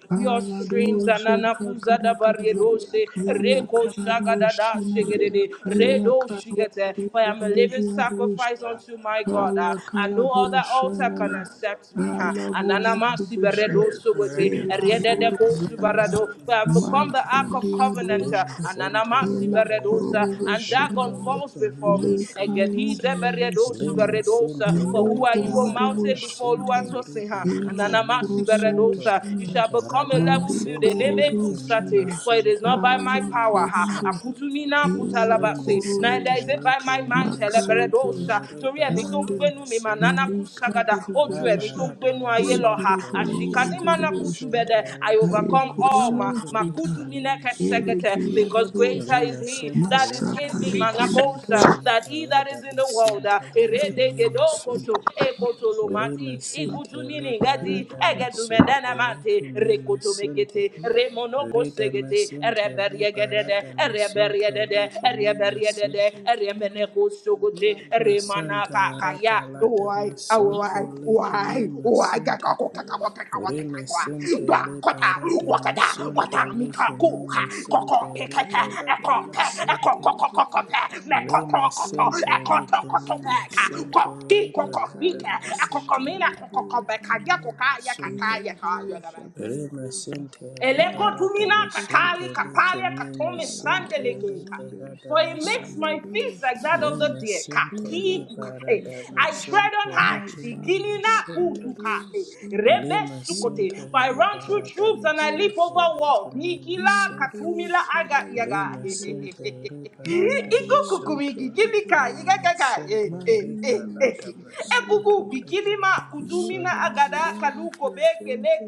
S3: streams and
S1: Aladozo
S3: anakuza
S1: Fakadakarabo,
S3: barriedose
S1: Yela
S3: reko shagada
S1: Karadoshina,
S3: shigede
S1: Yela
S3: redo shigete
S1: Karosu
S3: for I am a living
S1: Vandeliadosh,
S3: sacrifice unto my God
S1: Ala
S3: ah, and no other altar can
S1: Kalaboshanana,
S3: accept me ha ananama
S1: Alaborokubusha,
S3: siberedo
S2: Rada
S3: sugete
S1: Ela
S3: riede ko
S2: Macentere
S1: Rosanda,
S3: subarado
S2: Balada
S3: for I have become the
S2: Masunto
S3: ark of covenant
S1: Makaliadosh,
S3: ah,
S2: Lima
S3: ananama
S2: Centere
S1: Ela
S2: Balada
S3: siberedosa
S1: korobo
S3: and Dagon
S2: Masunto
S1: shana
S2: le
S3: falls before
S1: le
S2: Comino
S3: me
S2: Santo
S1: kaya
S3: egedi
S1: da
S3: zeberedo
S2: Lima
S1: basina
S3: suberedosa for
S1: le
S3: who
S2: Centere
S3: are you O
S2: Balada
S1: korobo
S3: mountain before
S1: shana
S2: Macentere
S3: Oluwatosin ha
S2: Bele
S1: ela
S3: ananama
S2: Comino
S1: korobo
S2: Santo
S3: you shall
S1: shana
S3: become a
S2: Rada
S3: level
S1: mali
S3: field. eh,
S2: Macentere
S1: korobo
S2: Comino
S1: shana
S3: For it is not
S2: Santo
S3: by
S2: le
S3: my
S1: ale
S3: power,
S2: Comino
S3: ha.
S1: korobo
S2: Santo
S3: Akutumina
S1: ela
S3: kutalabase. Neither
S1: korobo
S2: Limasinte
S3: is it by
S2: liki
S3: my might,
S1: makaya bosh
S3: teleberedosha.
S2: mimisunto
S3: Torí
S2: riba
S3: ẹ̀mí tó ń
S1: mande
S2: lada
S3: gbénú mi, manana
S2: masinte
S1: eli korobo
S3: kusagada. Ó
S2: la
S1: bosh
S3: ẹ̀mí tó ń ayé
S1: e
S3: lọ, ha.
S1: kere
S2: Limisinte likimimisonto rebaladamisinte labaradamisonto
S1: korobo
S3: Ashikadimana
S1: bosh
S2: likimimisinte
S3: kutubede. I overcome all ma.
S2: likimisonto
S1: Ayekurulusuta
S3: Makutumina
S2: likimisonto
S3: kesegete. Because greater
S1: erekeyadarusha
S3: is he
S2: limisinte
S3: that is in me,
S2: likimisonto
S1: masapalekeyadarusha
S3: manakosa, that he that is in the world. ah.
S2: rebaladamisinte likimisonto
S3: Eredegedokoto, ekotolomati,
S2: limisinte
S3: igutunini gadi,
S2: libaradamisonto
S3: egetumedena mante,
S2: likimisinte
S3: rekotomegete remonoko segete
S2: redamasinte
S3: reberiegedede
S2: libaradamisonto
S3: reberiedede reberiedede
S2: likimisinte
S1: Karakaruzusamande,
S3: remeneko sogote remana
S2: Masanta
S3: kakaya
S2: rapa lata
S1: Yabadakurundushaya,
S3: why
S2: masoto
S3: why
S2: leke
S3: why
S2: me
S1: Malabushaya,
S3: why
S2: sente
S3: kakako kakako kakako
S2: Re
S3: kakako
S2: masente
S3: ba
S1: Elakalakababayede,
S2: le
S3: kota
S2: parata
S3: wakata
S2: masonto
S3: wata mika
S2: leke
S3: kuka
S2: me
S1: Ekalakarababayedebo,
S2: sente
S3: koko
S2: re
S3: pekete
S2: parata
S3: eko pe eko
S2: masente.
S3: koko koko pe me
S1: Ekaladakurubusame,
S2: Le
S3: koto koto
S2: masente
S3: eko to
S2: leke
S3: koto
S2: me
S3: peka ko
S1: Elamamasikalada,
S2: masonto
S3: ti
S2: re
S3: koko
S2: parata
S3: pike eko
S2: masente
S3: komina koko
S2: le
S3: kobeka
S2: leke
S3: ya
S1: Ekaladashabaladuzanda,
S2: me
S3: koka ya kata
S2: masonto.
S3: ya kaya
S2: Re masente le
S3: Eleko tumina
S2: masonto
S3: katali
S1: Eladuzabaladuzamanakurudubusara,
S2: leke
S3: kapalia
S2: me
S3: katome
S2: masente le
S3: sandelegeka.
S1: Salarabozende,
S3: For it makes
S2: masonto.
S3: my feet like that of
S2: Me
S1: Aleluishabale,
S3: the deer. Ka
S2: masente le
S3: ki kukai.
S2: barada
S3: I
S1: Elarokushada,
S3: tread on
S2: masonto
S3: high.
S2: le kimi
S3: Sikinina
S2: masente
S3: kutukale.
S1: Mazabadalarosina,
S2: le
S3: Rebe sukote.
S2: masente
S3: For I
S2: le
S3: run through
S2: barada
S3: troops and I leap
S2: masonto
S3: over
S2: le
S1: Elakapatidosopa,
S3: walls.
S2: kimi
S3: Nikila
S2: masonto
S3: katumila aga
S2: le
S3: yaga.
S2: masente
S1: Iladoshabalakalarosa,
S2: le barada masonto
S3: Ikukukumiki Gimi
S2: le
S3: ka,
S2: kimi
S3: yiga
S1: Maladozopekirianda,
S3: kaka, eh,
S2: masente
S3: eh,
S2: le
S3: eh, eh.
S2: barada masonto
S3: Ekuku,
S2: le
S1: Malianosofaliadosha,
S3: bikini
S2: kimi
S3: ma, kutumina
S2: masonto
S3: agada, kaluko be,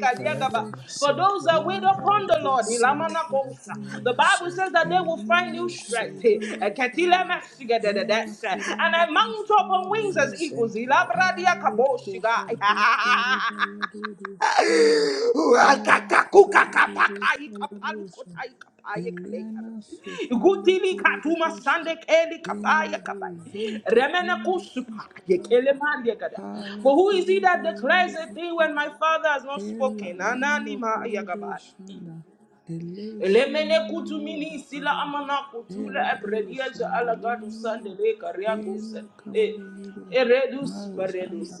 S3: kaliagaba.
S2: barada
S3: For
S2: masente
S3: those that
S2: le
S3: wait
S1: Labade
S3: upon
S2: barada
S3: the Lord,
S1: Kuruduru
S3: ilamana
S2: masente le
S3: kosa.
S2: kimi
S3: The
S1: Kushandala
S3: Bible says
S2: masonto
S3: that they
S2: le
S3: will
S2: kimi
S3: find
S1: Eliana
S3: new strength.
S2: masonto
S3: eh.
S1: Kuburunda
S2: le
S3: Eketile
S1: Sala
S2: barada
S3: mesiga de de de,
S2: masonto
S1: Ela
S3: eh. And
S1: Kuranda
S3: I mount up
S1: Kushala
S3: on
S1: La
S3: wings
S2: Lima
S3: as
S1: Rosa
S3: eagles.
S2: Center
S3: ilabradia
S1: Ale
S2: Liberadama
S3: kaboshiga.
S1: Kobade
S2: Santo
S1: Kuruda Yade Rufunda Ela Kurada Ruboshala Rosa Eliana Sofale
S3: Gudili
S1: Kurudu
S3: katuma sande keli kapaya
S1: Ilado
S3: kapai.
S1: zonte
S3: Remene
S1: inde
S3: kusupa ye
S1: incalado
S3: kele gada.
S1: pale
S3: But who is he that
S1: kuruda
S3: declares
S1: yende
S3: a thing when
S1: likolo
S3: my father has not
S1: ela
S3: spoken?
S1: nando
S3: Anani ma
S1: kuruda
S3: yagabai.
S1: ishanda ele suna
S3: Elemene
S1: nano
S3: kutu mini sila
S1: dakaria
S3: amana kutule
S1: ela do
S3: ebredia ja
S1: ishanda
S3: alagadu
S1: lienolo
S3: sande le karia guse.
S1: ela
S3: E
S1: kawawaire
S3: e redu super
S1: mazanda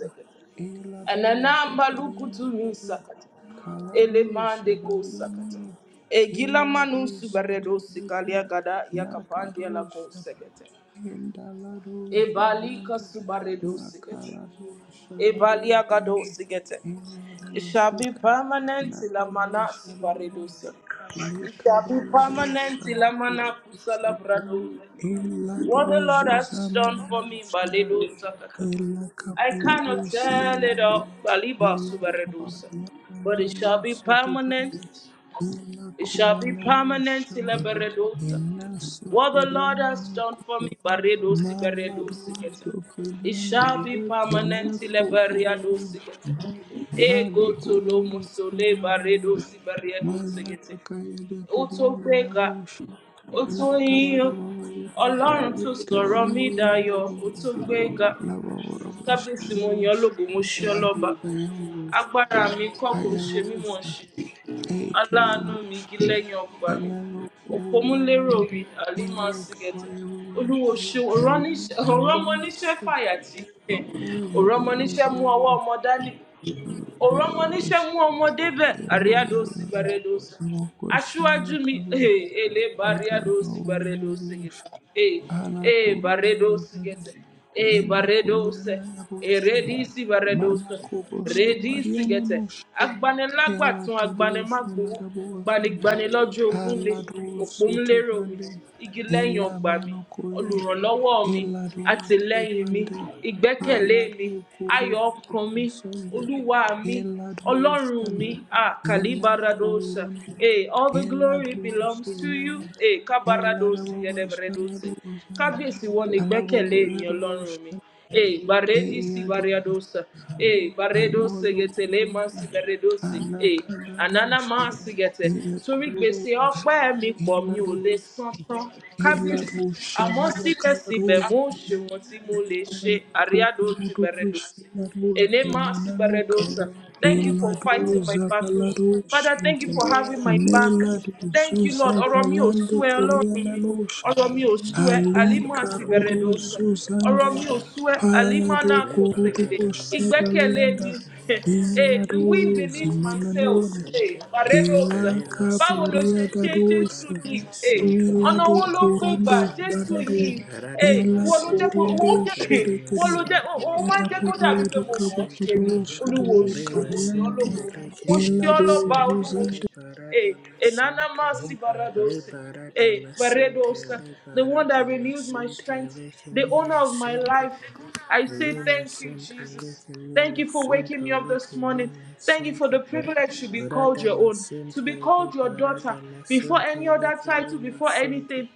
S1: ela do
S3: Ananamba
S1: zoperianda
S3: lukutumi
S1: kadu
S3: sakata.
S1: kalado
S3: Elemande ko sakata.
S1: shabalianolo
S3: Egila
S1: ela do
S3: manusu baredo
S1: sutobete
S3: sikalia gada yakapandia la ko
S1: Nakarushara
S3: sekete. Ebalika
S1: Indalarushuzande
S3: subaredo sikete. Ebalia gado
S1: Makalarushalaruzonde
S3: sikete. It shall be
S1: Inaruzika
S3: permanent till Amana
S1: Narusharababa
S3: Sibaredosa. It shall be permanent till Amana Kusala
S1: Likabayarushanakurusande
S3: Bradosa. What the Lord has done for me,
S1: Ilaruzuzamananushara
S3: Baledosa. I cannot tell it
S1: Ilakabalarusianana
S3: all, Baliba Subaredosa. But it shall be
S1: Ilakababayananusotobrande
S3: permanent
S1: Ela
S3: it shall be
S1: kumanano
S3: permanent.
S1: shama
S3: Silabaredosa.
S1: ena
S3: What the Lord
S1: soferiana
S3: has
S1: no
S3: done for me, Baredosi Baredosi
S1: maladon
S3: Geta. It
S1: soferiana
S3: shall be
S1: ele
S3: permanent. Silabariadosi
S1: kuburush
S3: Geta.
S1: vade
S3: Ego to
S1: kurundo
S3: Lomosole
S1: fuladamush
S3: Baredosi Baredosi Geta.
S1: malada kaya de
S3: ó tó
S1: kiriana la
S3: gbéga
S1: rush
S3: ó
S1: la
S3: tó
S1: kabara
S3: yíyán
S1: baba yero
S3: ọlọ́run tó sọ̀rọ̀ mí
S1: karababa yero
S3: dayọ̀
S1: baba
S3: ó tó
S1: yero
S3: gbéga
S1: la baba baba
S3: kábíyèsí
S1: shana
S3: mo yan
S1: bush
S3: ológo mo ṣí ọlọ́ba
S1: kaya bush
S3: agbára mi kọ́ kò
S1: kaya
S3: ṣe mí
S1: bush
S3: mọ̀ ṣe
S1: eke
S3: aláàánú mi
S1: bush
S3: igi lẹ́yìn ọgbà mi
S1: Inano kuburi
S3: òpómúlérò
S1: yanabo
S3: mi àlímà
S1: ilakabo
S3: sìgẹ̀tẹ̀
S1: yababa
S3: olúwo ṣe
S1: yadosha anano
S3: òrọ́mọníṣẹ́
S1: sufi
S3: fàyàtì
S1: yababa
S3: òrọ́mọníṣẹ́ mú
S1: yegerebo
S3: ọwọ́ ọmọ dání ọ̀rọ̀ ọmọ níṣẹ́
S1: yababasha
S3: mú ọmọdé bẹ̀ àríyádósí
S1: yababura
S3: bàrẹ́dósí
S1: abokosha
S3: aṣíwájú mi ee
S1: nakabosha
S3: èlé bàríyádósí
S1: agarbawo
S3: bàrẹ́dósí gẹ̀tẹ̀
S1: yabosha
S3: eh ee
S1: alakururu
S3: bàrẹ́dósí
S1: boshana
S3: gẹ̀tẹ̀ ee
S1: ene
S3: bàrẹ́dósí
S1: koyana yabosa
S3: èrèdísí
S1: mana
S3: bàrẹ́dósí
S1: kuboso
S3: rèdísí gẹ̀tẹ̀
S1: Yalla
S3: agbanilágbàtún
S1: kadosh
S3: agbanimágbowó
S1: yalla bohanda.
S3: gbanigbani lọ́jọ́ ogún le
S1: Alla do soto
S3: òpómúléró mi
S1: brande.
S3: igi lẹ́yìn
S1: Ella
S3: ọgbà mi
S1: mono koyana.
S3: olùrànlọ́wọ́ mi,
S1: Ella do
S3: àtìlẹ́yìn mi,
S1: brande.
S3: ìgbẹ́kẹ̀lé
S1: Alla
S3: mi,
S1: do koro
S3: ayọ̀ ọkàn
S1: do
S3: mi,
S1: sonde.
S3: Olúwa mi,
S1: Ella do
S3: Ọlọ́run mi,
S1: sana.
S3: ah,
S1: Inna
S3: Kalibaradosa.
S1: korunde.
S3: Hey, all the
S1: Ella
S3: glory
S1: do
S3: belongs to you.
S1: sunana.
S3: Hey,
S1: Ella da
S3: Kabaradosi,
S1: baba shana
S3: Yedebredosi
S1: do sana.
S3: kábíyèsí wọn ni
S1: Alla
S3: ìgbẹ́kẹ̀lé mi
S1: baba do
S3: ọlọ́run mi
S1: shana.
S3: ee gbàrẹ́dì sí
S1: Eya do
S3: bariadosa, ee gbàrẹ́dọ́sẹ̀
S1: amolo
S3: gẹ̀tẹ̀ lè má sí
S1: korunde. Alla kada
S3: ànánà
S1: dosh.
S3: má sí gẹ̀tẹ̀ torí gbèsè
S1: Elados,
S3: ọpẹ́ mi pọ̀ mi ò lè
S1: Elados,
S3: san tán kábíyèsí
S1: Elados,
S3: àmọ́
S1: Shamanakalaros,
S3: síbẹ̀síbẹ̀ mo ṣe wọn tí mo lè ṣe àríyádó ti bẹ̀rẹ̀dọ́sẹ̀ Enema Sibaredosa. Thank you for fighting my battles. Father, thank you for having my back. Thank you, Lord. Ọ̀rọ̀ mi ò sú ẹ, Ọlọ́run mi. Ọ̀rọ̀ mi ò sú ẹ,
S1: Ali
S3: Alima
S2: Soto
S1: Karudo
S3: Sibaredosa.
S2: Liberadama
S3: Ọ̀rọ̀
S1: Zuzande
S3: mi ò sú
S2: Center
S3: ẹ, Alima
S1: Palado
S3: náà kò
S1: Gurudo
S3: ṣèlédè.
S2: Liberadama Center
S3: Ìgbẹ́kẹ̀lé
S1: Sabalianda
S3: mi.
S2: Lekimima
S3: Hey, the
S1: Elado
S2: Santo
S3: wind beneath my
S2: Liberadama
S3: sails.
S1: Zimananone
S3: Hey,
S2: Center
S1: Ela
S3: Baredosa.
S2: Lima
S3: Báwo lo
S1: Cabaria
S3: ṣe
S2: Center
S1: da
S3: ṣe Jésù
S1: doça,
S3: yìí?
S2: Liberadama
S3: Hey,
S2: Santo
S1: Ela
S3: ọ̀nà
S1: do
S3: wo ló
S2: Lekimima
S3: gbégbà?
S1: corondo
S2: Center
S3: Jésù
S1: sarado,
S3: yìí. Hey,
S2: Radama
S1: ela
S3: ìwọ ló jẹ́ kó
S2: Center
S3: wọ́n
S1: corondo
S3: jẹ́
S2: Lekimima
S3: wọ́n ló
S1: shedekiria,
S3: jẹ́ wọ́n
S2: Santo
S3: máa ń
S1: ela
S3: jẹ́ kó
S1: bobo
S3: dàbí pé
S1: ela
S3: mo
S2: Liberadama
S3: mọ̀
S1: kabo
S3: ọ́ ṣe
S2: Center
S3: ni
S1: bobo
S3: olúwo
S1: shedabo
S3: ṣe
S2: Lima
S3: mo ní ọ́
S1: kadianano,
S3: lògo
S2: Center
S3: mo ṣe
S1: ela
S3: ọ́
S2: Lekimima
S1: do
S3: lọ́ba olúwo
S2: Center
S1: zuzande.
S3: ṣe Hey,
S2: Liberadama Santo
S3: Enanamasi
S2: Le
S3: Baradose.
S2: para
S3: Hey,
S2: damascente,
S3: Baredosa.
S2: le
S3: The
S2: para
S3: one that renews my
S2: damascente,
S3: strength,
S2: le que
S3: the
S2: me
S3: owner of my
S2: masunto,
S3: life. I say
S2: le
S3: thank you,
S2: masente, le
S3: Jesus.
S2: que me
S3: Thank you for waking me
S2: masunto,
S3: up
S2: le que
S3: this
S2: me
S3: morning. Thank you for
S2: masente.
S3: the privilege to be
S2: Para
S3: called your own, to be
S2: damascente, le
S3: called your
S2: para
S3: daughter before
S2: damasunto,
S3: any
S2: le
S3: other
S2: que
S3: title,
S2: me
S3: before
S2: masunto.
S3: anything.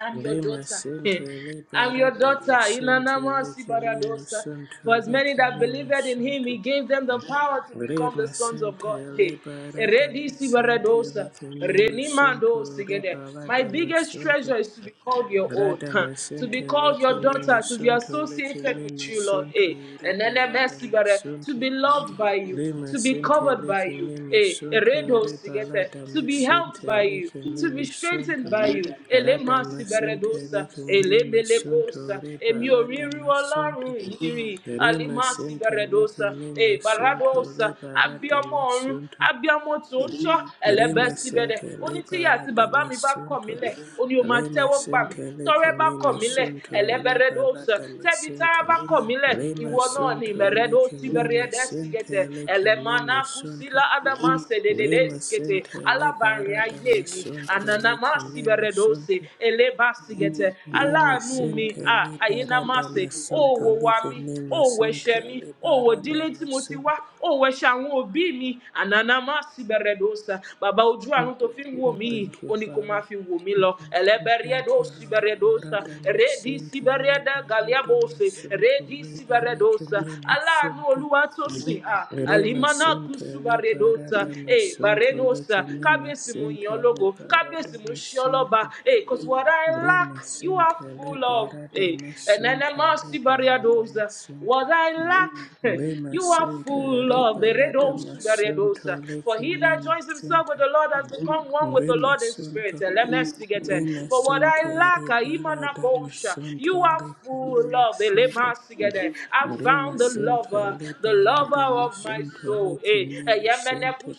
S3: I'm your
S2: Le
S3: daughter.
S2: masente, le
S3: I'm
S2: para
S3: your daughter.
S2: damascente,
S3: Inanama
S2: le que me
S3: Sibaradosa.
S2: masunto,
S3: For as
S2: le
S3: many
S2: que
S3: that
S2: me
S3: believed in him, he
S2: masunto.
S3: gave them the power to
S2: Re
S3: become the sons of
S2: masente,
S3: God. Hey.
S2: le para
S3: Eredi
S2: damascente, le
S3: Sibaradosa.
S2: que me
S3: Renimando
S2: masunto, le
S3: Sigede.
S2: para
S3: My biggest treasure
S2: damascente.
S3: is to be called your own,
S2: Grada
S3: to be
S2: masente
S3: called
S2: leke
S3: your
S2: mi
S3: daughter, to be
S2: masunto leke
S3: associated
S2: mi
S3: with you, Lord. Hey.
S2: masunto
S3: And then
S2: riba lada
S3: Sibare, to
S2: masunto.
S3: be loved by you,
S2: Lima
S3: to be
S2: sente
S3: covered by
S2: leke
S3: you.
S2: mi
S3: Hey.
S2: masunto
S3: Eredo
S2: riba
S3: Sigete.
S2: lada
S3: To be helped
S2: masente
S3: by you you,
S2: leke mi
S3: to be strengthened
S2: masunto.
S3: by you.
S2: Rada
S3: Elema
S2: masente
S3: siberedosa,
S2: leke mi masunto
S3: elemelekosa,
S2: riba
S3: emi
S2: lada masunto.
S3: Ọlọ́run ìyìnrìn,
S2: Rima
S3: alima
S2: sente leke
S3: siberedosa,
S2: mi
S3: e
S2: masunto
S3: baradosa,
S2: riba lada
S3: abiamọ ọ̀run,
S2: masunto.
S3: abiamọ tòótọ́, ẹlẹ́bẹ̀
S2: Rema
S3: síbẹ̀dẹ̀.
S2: sente
S3: Ó ní tíyà
S2: lebara
S3: àti bàbá mi bá kọ̀
S2: damasunto.
S3: mílẹ̀, ó ní o máa
S2: Lema
S3: tẹ́wọ́ gbà mí.
S2: sente leke
S3: Tọ́rẹ́ bá kọ̀
S2: mema
S3: mílẹ̀,
S2: sunto rebala
S3: ẹlẹ́bẹ̀rẹ̀dọ́sà, tẹ́bi tára
S2: damasente.
S3: bá kọ̀ mílẹ̀,
S2: Lema
S3: ìwọ náà ni
S2: sunto
S3: ìmẹ̀rẹ̀dọ́
S2: leke mema
S3: síbẹ̀rẹ̀dẹ́
S2: sente
S3: sígẹ̀tẹ̀,
S2: leke
S3: ẹlẹ́mà
S2: mema
S3: náà kú
S2: sunto.
S3: elema naa ku mase de de
S2: Rema
S3: deskete
S2: sente
S3: alabari
S2: lebara
S3: aye mi
S2: damasunto
S3: anana
S2: leke
S3: masi
S2: mema
S3: beredose
S2: sunto.
S3: ele basigete
S2: Mema
S3: alaanu mi
S2: sente
S3: a ayena
S2: lebara
S3: mase
S2: damasunto
S3: owo wa
S2: leke
S3: mi
S2: mema
S3: owo ẹ̀ṣẹ̀
S2: sente
S3: mi owo
S2: lebara
S3: ìdílé tí mo ti wá
S2: damasunto.
S3: owo ẹ̀ṣẹ̀ àwọn òbí mi anana masi beredosa bàbá ojú àrùn tó fi wò mí
S2: Thank
S3: oni
S2: you,
S3: ó ní kó má
S2: Father.
S3: fi wò mí lọ
S2: Oh, thank you,
S3: ẹlẹbẹrẹdosi
S2: Lord.
S3: beredosa
S2: Radama
S3: redi
S2: Sintele
S3: sibereda
S2: Baradama
S3: galiabose
S2: Santo
S3: redi
S2: Lebe
S3: siberedosa
S2: Lekimima
S3: aláàánú
S2: Santo.
S3: olúwa Kabesia,
S2: Rima
S3: Alimana
S2: Sintele
S3: Kusubaredosa,
S2: Baradama
S3: eh,
S2: Santo
S3: Barenosa,
S2: Lekimima
S3: Kabesimu
S2: Sintele
S3: Yologo, Kabesimu
S2: Baradama
S3: Sholoba,
S2: Santo.
S3: eh, because what I lack,
S2: Rima
S3: you are
S2: Sintele
S3: full of, eh,
S2: Baradama
S3: and then I
S2: Santo
S3: must
S2: Le
S3: be
S2: Baradama
S3: Bariadosa. What I lack, you are full of Beredosu Beredosa. For he that joins himself with the Lord has become one with the Lord in spirit. Eh, Let me speak it. eh.
S2: Lima
S3: For what I
S2: Sinte
S3: lack,
S2: Rebalada
S3: Imanakosha,
S2: Masunto
S3: you are full
S2: Lekimima
S3: of
S2: Sinte
S3: belebasi together. I
S2: Lima
S3: found the
S2: Sinte
S3: lover, the lover
S2: Liberada
S3: of my
S2: Masunto
S3: soul. Eh, eh,
S2: Lekimima Sinte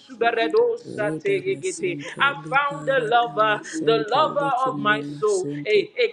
S2: Reda Masinte
S3: I found the
S2: Liberada
S3: lover, the
S2: Masinte
S3: lover of my
S2: Lekimima
S3: soul.
S2: Sinte
S3: Eh, eh,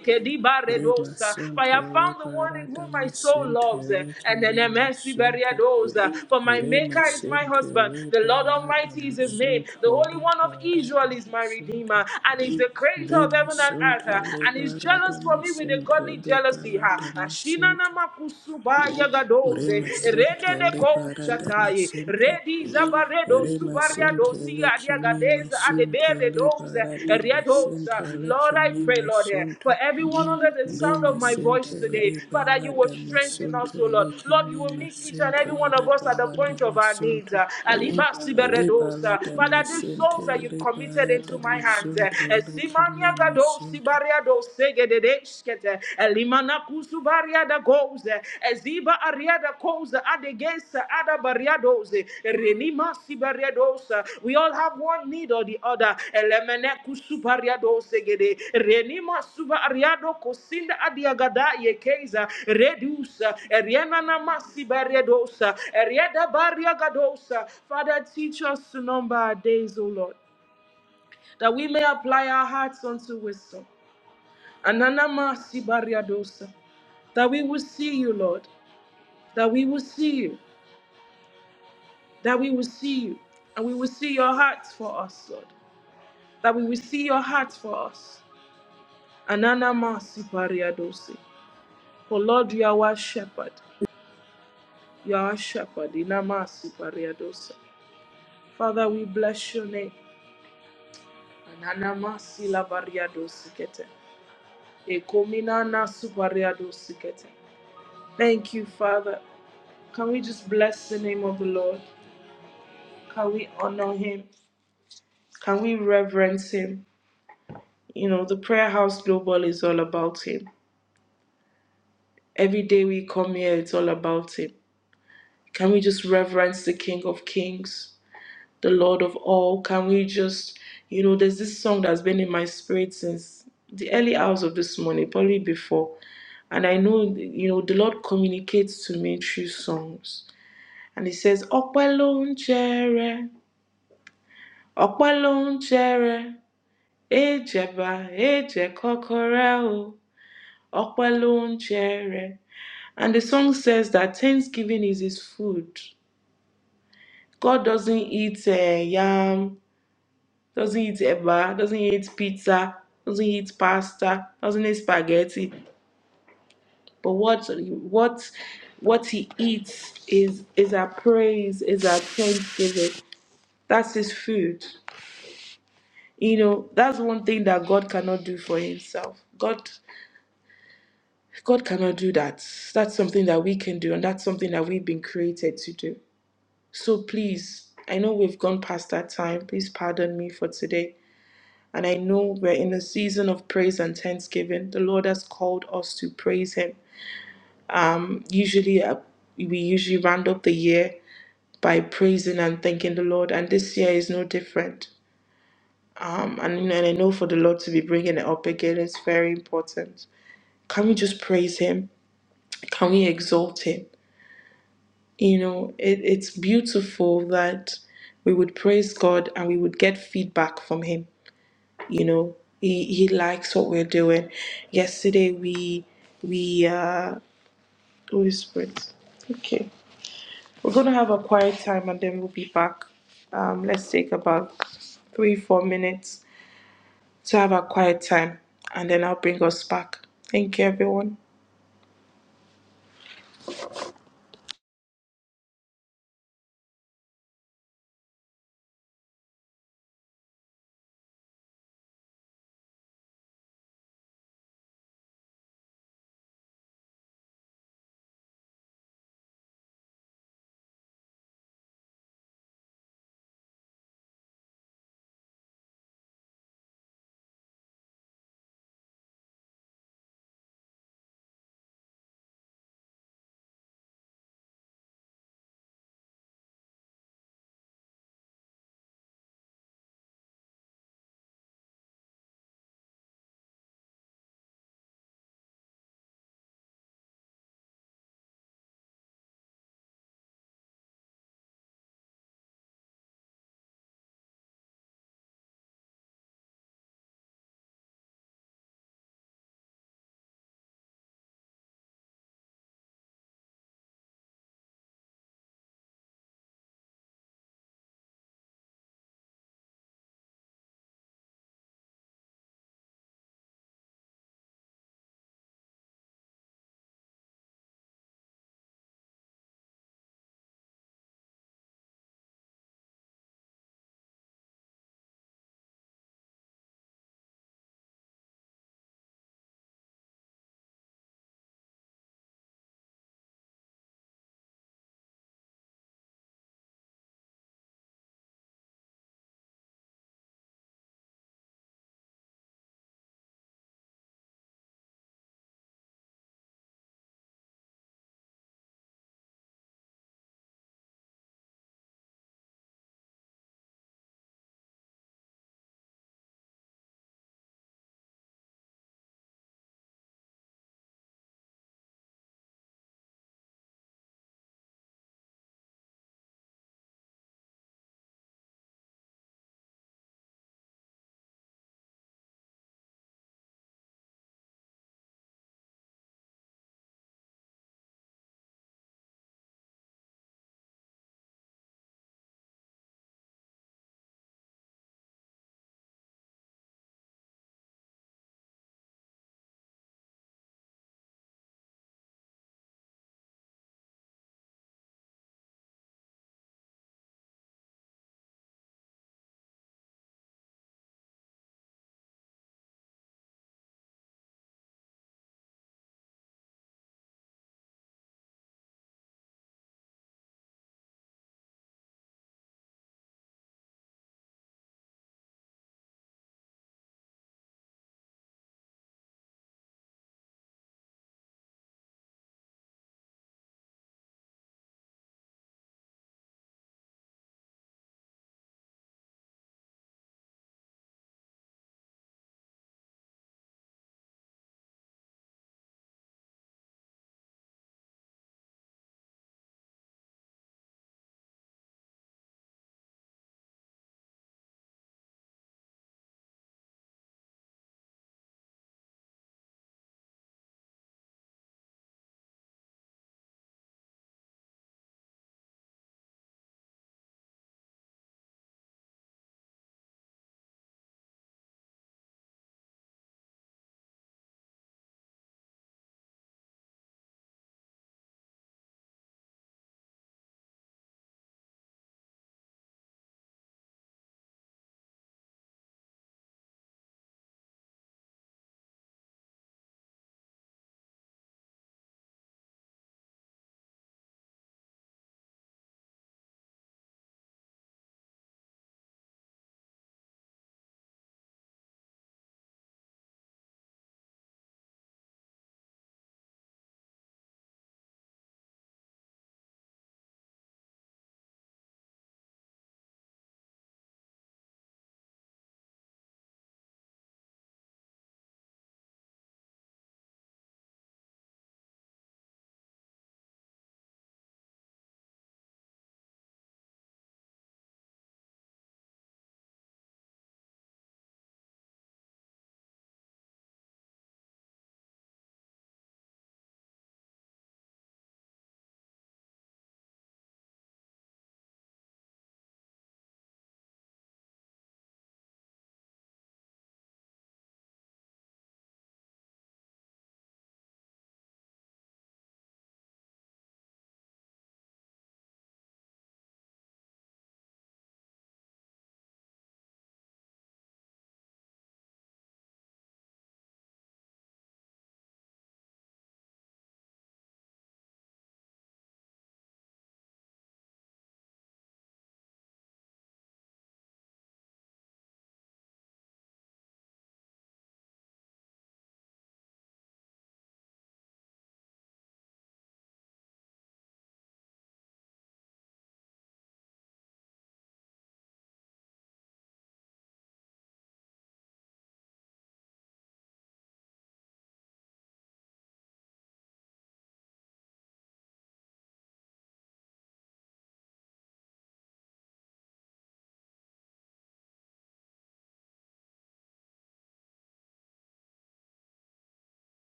S2: Rima
S3: For I
S2: Sunto
S3: have found the one in
S2: Liberada
S3: whom my soul
S2: Masinte
S3: loves. eh, And then a
S2: Lekimima
S3: mercy
S2: Sunto
S3: bariadosa. For my
S2: Rima
S3: maker is my
S2: Sinte
S3: husband. The Lord
S2: Liberada
S3: Almighty is his name. The
S2: Masunto
S3: Holy One of Israel
S2: Liberada
S3: is my
S2: Masinte
S3: redeemer. And he's the creator of heaven and earth.
S2: Remasunto
S3: eh, And he's jealous
S2: liberata
S3: for me with a in the
S2: masinto
S3: godly jealousy.
S2: liberata
S3: Ha. Ashina na
S2: masinto
S3: makusubaya gadoze. Rede
S2: Remasunto
S3: de
S2: liberata
S3: koushatai.
S2: masinto
S3: Redi zabaredo subariado
S2: Remasinte
S3: si
S2: lekimi
S3: adiagadeza adebere
S2: masunto
S3: doze.
S2: liberata masinte
S3: Riedosa. Lord, I
S2: lekimi
S3: pray, Lord, eh, for
S2: masunto
S3: everyone under the sound of my
S2: Remasinte
S3: voice today, Father, you will
S2: liberata
S3: strengthen us,
S2: masunto
S3: O Lord. Lord, you
S2: lekimi
S3: will meet each and
S2: masinte
S3: every one of us at the
S2: liberata
S3: point of our needs.
S2: masunto
S3: Ah, Aliba siberedosa.
S2: Liberata
S3: Father, these
S2: masinte
S3: souls that you've committed into
S2: liberata
S3: my hands,
S2: masunto
S3: Siman
S2: lekimi
S3: Yagadosi
S2: masunto
S3: bariado segededeskete, elimana kusu bariada goze, eziba ariada koze, adegesa ada bariadoze, renima si bariadosa. We all have one need or the other. Elemene kusu bariado segede, renima suba ariado kosinda adiagada yekeza, redusa, eriana namasi bariadosa, eriada bariagadosa. Father, teach us to number our days, O Lord that we may apply our hearts unto wisdom. Ananama sibariadosa. That we will see you, Lord. That we will see you. That we will see you. And we will see your hearts for us, Lord. That we will see your hearts for us. Ananama sibariadosa. For Lord, you are our shepherd. You are our shepherd. Inama sibariadosa. Father, we bless your name. Ananama silabariadosa kete. Ekominana subariadosa kete. Thank you, Father. Can we just bless the name of the Lord? Can we honor him? Can we reverence him? You know, the prayer house global is all about him. Every day we come here, it's all about him. Can we just reverence the King of Kings, the Lord of all? Can we just, you know, there's this song that's been in my spirit since the early hours of this morning, probably before. And I know, you know, the Lord communicates to me through songs. And he says, Ọpẹ́ ló ń jẹrẹ, ọpẹ́ ló ń jẹrẹ. Ejeba, eje kokorao, opelun chere. And the song says that Thanksgiving is his food. God doesn't eat eh, yam, doesn't eat eba, doesn't eat pizza, doesn't eat pasta, doesn't eat spaghetti. But what what what he eats is is our praise, is our thanksgiving. That's his food. You know, that's one thing that God cannot do for himself. God God cannot do that. That's something that we can do, and that's something that we've been created to do. So please, I know we've gone past that time. Please pardon me for today. And I know we're in a season of praise and thanksgiving. The Lord has called us to praise Him. Um, usually, uh, we usually round up the year by praising and thanking the Lord, and this year is no different. Um, and, you know, and I know for the Lord to be bringing it up again is very important. Can we just praise Him? Can we exalt Him? You know, it, it's beautiful that we would praise God and we would get feedback from Him. You know, He He likes what we're doing. Yesterday we we uh Holy Spirit. Okay, we're gonna have a quiet time and then we'll be back. Um, let's take about three four minutes to have a quiet time and then I'll bring us back. Thank you, everyone.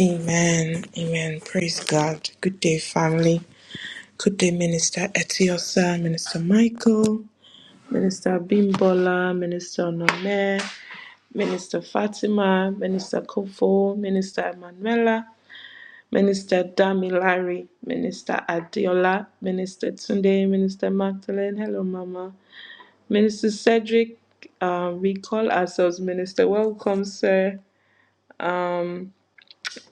S3: Amen. Amen. Praise God. Good day, family. Good day, Minister Etiosa, Minister Michael, Minister Bimbola, Minister Nome, Minister Fatima, Minister Kofo, Minister Emanuela, Minister Damilari, Minister Adiola, Minister Tunde, Minister Magdalene, hello Mama, Minister Cedric, um, we call ourselves Minister. Welcome, sir. Um,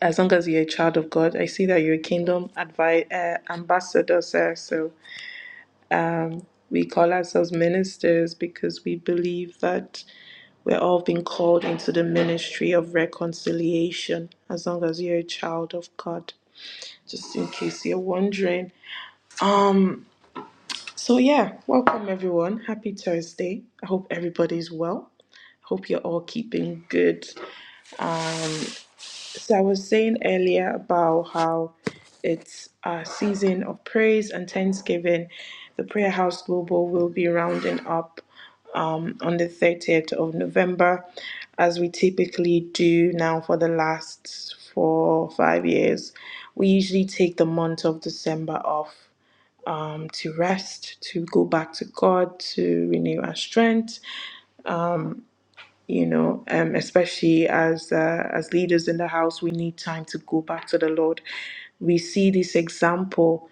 S3: as long as you're a child of God, I see that you're a kingdom advi- uh, ambassador, sir. So Um, We call ourselves ministers because we believe that we're all being called into the ministry of reconciliation as long as you're a child of God. Just in case you're wondering. Um, so yeah, welcome everyone. Happy Thursday. I hope everybody's well. Hope you're all keeping good. So I was saying earlier about how it's a season of praise and thanksgiving. The Prayer House Global will be rounding up um, on the 30th of November, as we typically do now for the last four or five years. We usually take the month of December off um, to rest, to go back to God, to renew our strength you know um, especially as uh, as leaders in the house we need time to go back to the lord we see this example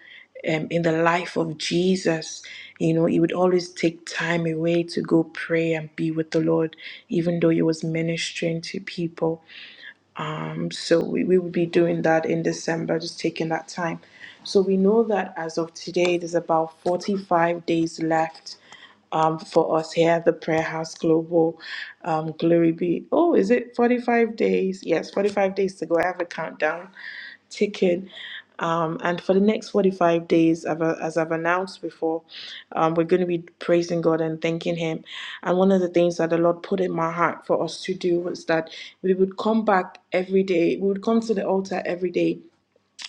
S3: um, in the life of jesus you know he would always take time away to go pray and be with the lord even though he was ministering to people um, so we, we will be doing that in December, just taking that time. So we know that as of today, there's about 45 days left um, for us here at the Prayer House Global. Um, glory be. Oh, is it 45 days? Yes, 45 days to go. I have a countdown ticking. Um, and for the next 45 days, as I've announced before, um, we're going to be praising God and thanking Him. And one of the things that the Lord put in my heart for us to do was that we would come back every day, we would come to the altar every day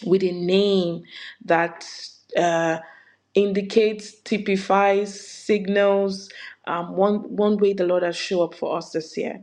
S3: with a name that uh, indicates, typifies, signals um, one, one way the Lord has shown up for us this year.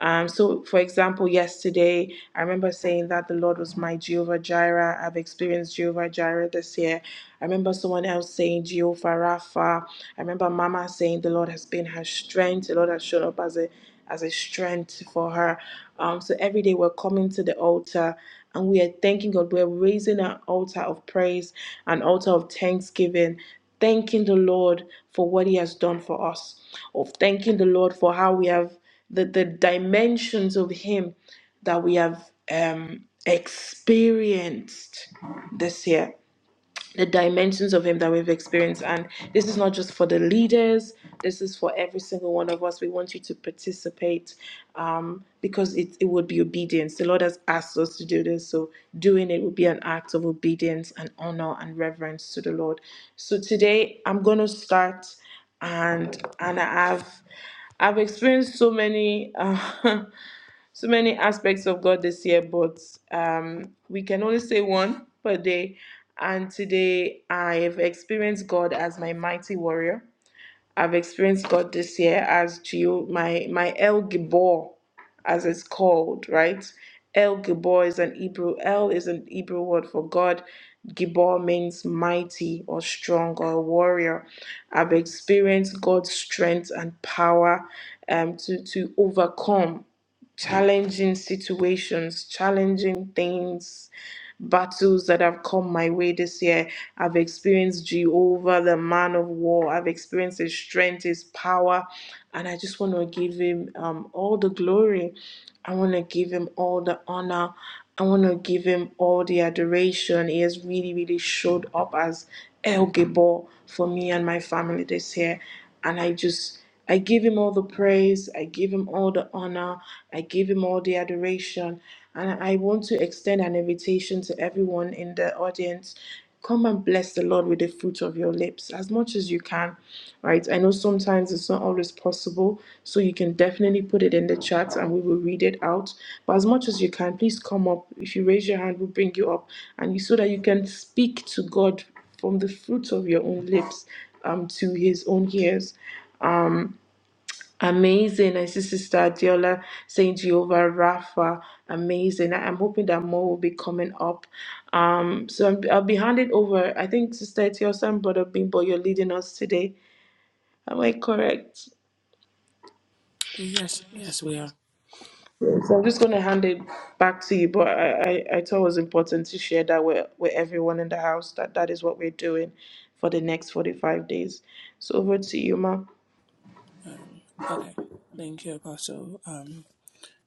S3: Um, so, for example, yesterday, I remember saying that the Lord was my Jehovah Jireh. I've experienced Jehovah Jireh this year. I remember someone else saying Jehovah Rapha. I remember Mama saying the Lord has been her strength. The Lord has shown up as a as a strength for her. Um, so every day we're coming to the altar and we are thanking God. We're raising an altar of praise, an altar of thanksgiving, thanking the Lord for what He has done for us, of thanking the Lord for how we have the, the dimensions of Him that we have um, experienced this year the dimensions of him that we've experienced and this is not just for the leaders this is for every single one of us we want you to participate um, because it, it would be obedience the lord has asked us to do this so doing it would be an act of obedience and honor and reverence to the lord so today i'm going to start and and i've I've experienced so many. uh, so many aspects of God this year, but um, we can only say one per day. And today I have experienced God as my mighty warrior. I've experienced God this year as Geo, my my El Gibor, as it's called, right? El Gibor is an Hebrew. El is an Hebrew word for God. Gibor means mighty or strong or warrior. I've experienced God's strength and power um, to to overcome challenging situations, challenging things, battles that have come my way this year. I've experienced Jehovah, the man of war. I've experienced his strength, his power. And I just want to give him um, all the glory. I want to give him all the honor. I want to give him all the adoration. He has really, really showed up as El Gabor for me and my family this year. And I just, I give him all the praise. I give him all the honor. I give him all the adoration. And I want to extend an invitation to everyone in the audience. Come and bless the Lord with the fruit of your lips as much as you can, right? I know sometimes it's not always possible, so you can definitely put it in the chat and we will read it out. But as much as you can, please come up. If you raise your hand, we'll bring you up, and you so that you can speak to God from the fruit of your own lips um, to his own ears. Amazing. I see Sister Adiola saying Jehovah Rapha. Amazing. I- I'm hoping that more will be coming up. Um, so I'm, I'll be handing over. I think Sister Etiosa and Brother Bimbo, you're leading us today. Am I correct?
S2: Yes, yes, we are.
S3: Yes. So I'm just going to hand it back to you, but I, I, I thought it was important to share that with, with everyone in the house that that is what we're doing for the next 45 days. So over to you, Ma.
S2: Um, okay. Thank you, Apostle. Um,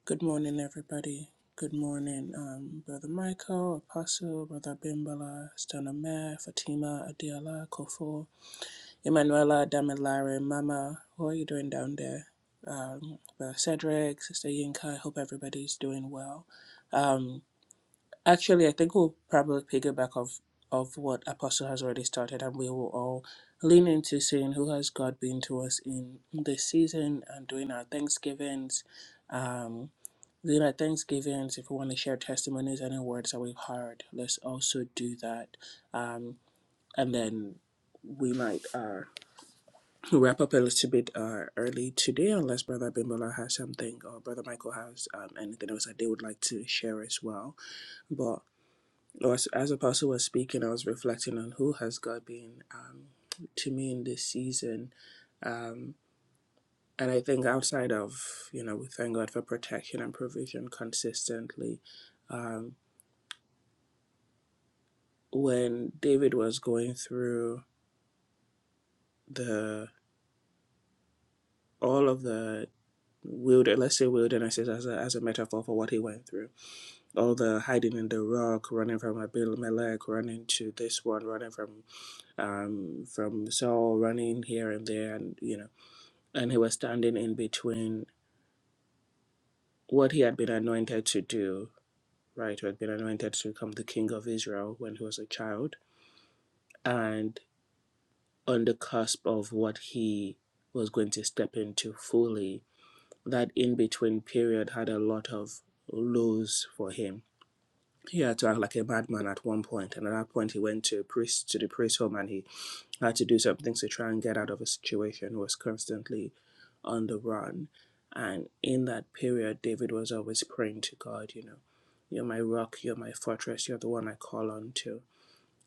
S2: good morning, everybody. Good morning, um, Brother Michael, Apostle, Brother Bimbala, Stanamere, Fatima, Adiola, Kofo, Emanuela, Damilare, Mama. How are you doing down there? Um, Brother Cedric, Sister Yinka, I hope everybody's doing well. Um, Actually, I think we'll probably piggyback of of what Apostle has already started, and we will all lean into seeing who has God been to us in this season and doing our Thanksgivings. Um, doing our Thanksgivings, if we want to share testimonies and words that we've heard, let's also do that. Um, and then we might uh, wrap up a little bit uh, early today, unless Brother Bimbola has something or Brother Michael has um, anything else that they would like to share as well. but or as, as Apostle was speaking, I was reflecting on who has God been um, to me in this season. Um, and I think outside of, you know, we thank God for protection and provision consistently. Um, when David was going through the all of the wilderness, let's say wilderness is as a, as a metaphor for what he went through all the hiding in the rock running from abimelech running to this one running from um from saul running here and there and you know and he was standing in between what he had been anointed to do, right? Who had been anointed to become the king of Israel when he was a child, and on the cusp of what he was going to step into fully. That in between period had a lot of lows for him. He had to act like a madman at one point, and at that point he went to a priest to the priest home and he had to do some things to try and get out of a situation, was constantly on the run. And in that period, David was always praying to God, you know, you're my rock, you're my fortress, you're the one I call on to.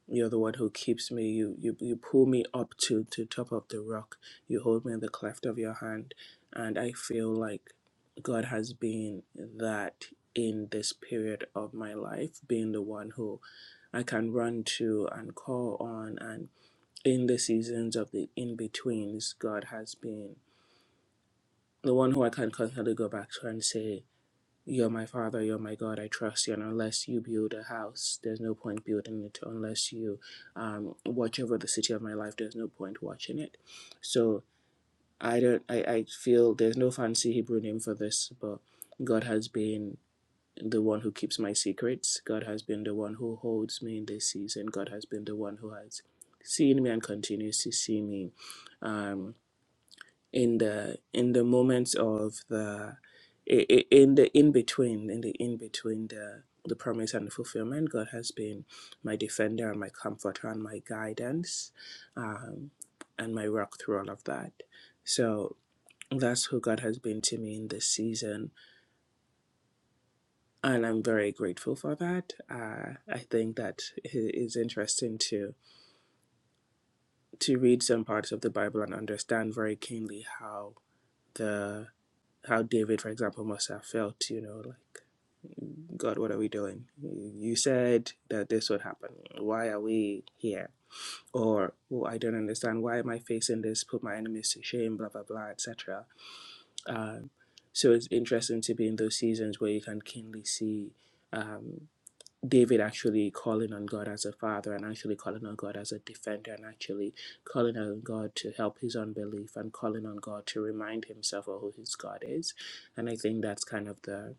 S2: You're the one who keeps me. You you, you pull me up to to top of the rock. You hold me in the cleft of your hand. And I feel like God has been that in this period of my life, being the one who I can run to and call on and in the seasons of the in betweens, God has been the one who I can constantly go back to and say, You're my father, you're my God, I trust you. And unless you build a house, there's no point building it. Unless you um, watch over the city of my life, there's no point watching it. So I don't, I, I feel there's no fancy Hebrew name for this, but God has been the one who keeps my secrets. God has been the one who holds me in this season. God has been the one who has seen me and continues to see me. Um, in the in the moments of the i- i- in the in between, in the in between the the promise and the fulfillment, God has been my defender and my comforter and my guidance, um, and my rock through all of that. So that's who God has been to me in this season and I'm very grateful for that. Uh, I think that it is interesting to to read some parts of the Bible and understand very keenly how the how David, for example, must have felt. You know, like God, what are we doing? You said that this would happen. Why are we here? Or oh, I don't understand. Why am I facing this? Put my enemies to shame. Blah blah blah, etc. Um, so it's interesting to be in those seasons where you can keenly see. Um, David actually calling on God as a father and actually calling on God as a defender and actually calling on God to help his unbelief and calling on God to remind himself of who his God is. And I think that's kind of the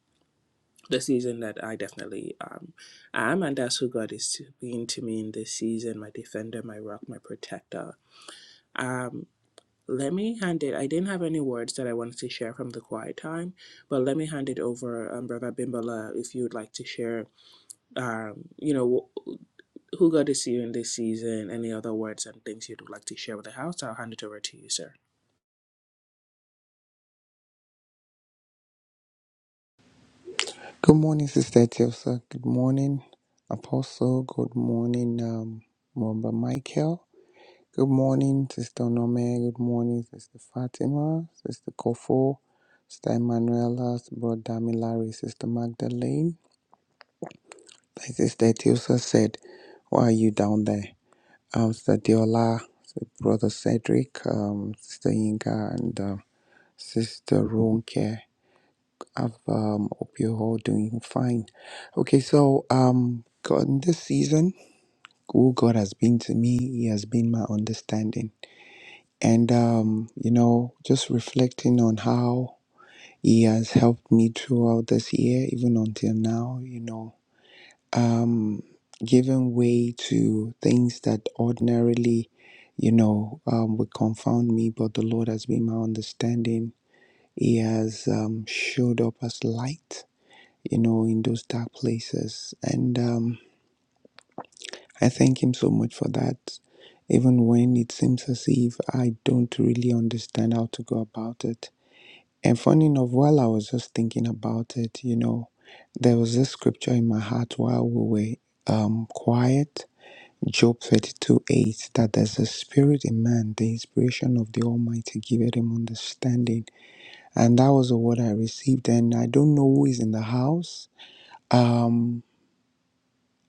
S2: the season that I definitely um, am, and that's who God is to, being to me in this season, my defender, my rock, my protector. Um, let me hand it. I didn't have any words that I wanted to share from the quiet time, but let me hand it over, um, Brother Bimbola, if you would like to share um, you know, who got to see you in this season, any other words and things you'd like to share with the house, I'll hand it over to you, sir.
S1: Good morning, Sister Tiosa. Good morning, Apostle. Good morning, um, Mamba Michael. Good morning, Sister Nome. Good morning, Sister Fatima, Sister Kofo, Sister Emanuela, Brother Damilari, Sister Magdalene. Like Sister Tiosa said, why are you down there? Um, Sister Diola, Brother Cedric, um, Sister Inga, and um Sister Ronke. I've, um, hope you're all doing fine. Okay, so um, God, in this season, who God has been to me, He has been my understanding. And, um, you know, just reflecting on how He has helped me throughout this year, even until now, you know um, giving way to things that ordinarily, you know, um, would confound me, but the Lord has been my understanding. He has um, showed up as light, you know, in those dark places. And um, I thank Him so much for that. Even when it seems as if I don't really understand how to go about it. And funny enough, while I was just thinking about it, you know, there was this scripture in my heart while we were um, quiet Job 32 8 that there's a spirit in man, the inspiration of the Almighty giveth him understanding. And that was the word I received. And I don't know who is in the house. Um,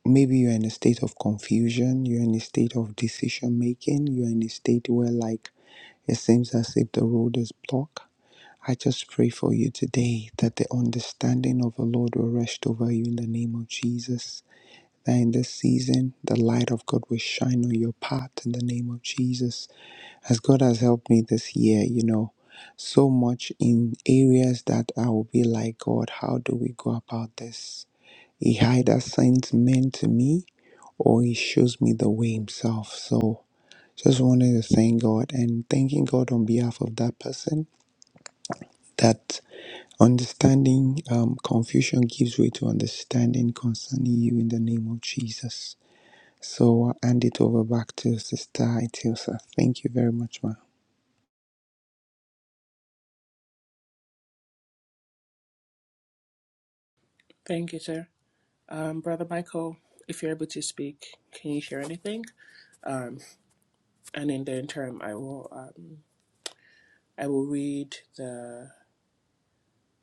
S1: maybe you're in a state of confusion, you're in a state of decision making, you're in a state where like it seems as if the road is blocked. I just pray for you today that the understanding of the Lord will rest over you in the name of Jesus that in this season, the light of God will shine on your path in the name of Jesus. As God has helped me this year, you know, so much in areas that I will be like, God, how do we go about this? He either sends men to me or he shows me the way himself. So just wanted to thank God and thanking God on behalf of that person that understanding um, confusion gives way to understanding concerning you in the name of Jesus. So I'll hand it over back to Sister Itiosa. Thank you very much, ma.
S2: Thank you, sir. Um, Brother Michael, if you're able to speak, can you share anything? Um, and in the interim, I will um, I will read the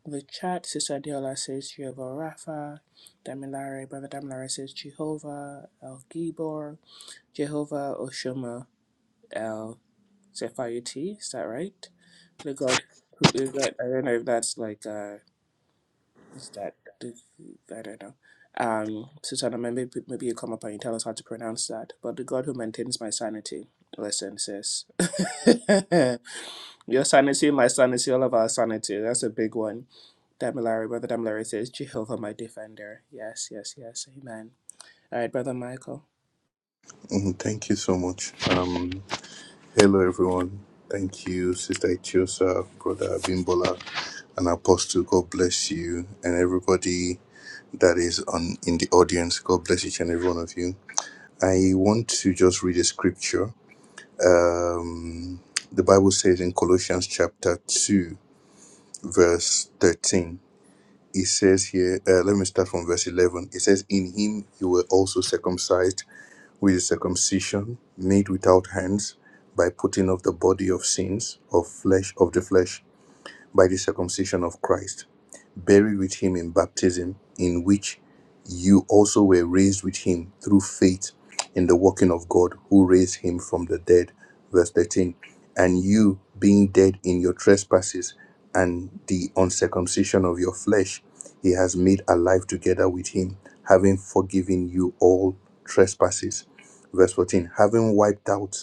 S2: the chat. Sister Diola says Jehovah Rapha. Damilare, Brother Damilare says Jehovah El Gibor, Jehovah Oshoma El Zephyr Is that right? the god who is that I don't know if that's like uh is that I don't know. Um Susanna maybe maybe you come up and you tell us how to pronounce that. But the God who maintains my sanity, listen, sis. Your sanity, my sanity, all of our sanity. That's a big one. Damilari, Brother Damilari says, Jehovah my defender. Yes, yes, yes, amen. All right, Brother Michael.
S4: Thank you so much. Um, hello, everyone. Thank you, Sister Itiosa, Brother Abimbola, and Apostle. God bless you and everybody that is on in the audience. God bless each and every one of you. I want to just read a scripture. Um, the Bible says in Colossians chapter 2, verse 13. It says here, uh, let me start from verse 11. It says, In him you were also circumcised with circumcision made without hands by putting off the body of sins of flesh of the flesh by the circumcision of Christ, buried with him in baptism, in which you also were raised with him through faith in the working of God who raised him from the dead. Verse 13. And you, being dead in your trespasses and the uncircumcision of your flesh, he has made alive together with him, having forgiven you all trespasses. Verse 14. Having wiped out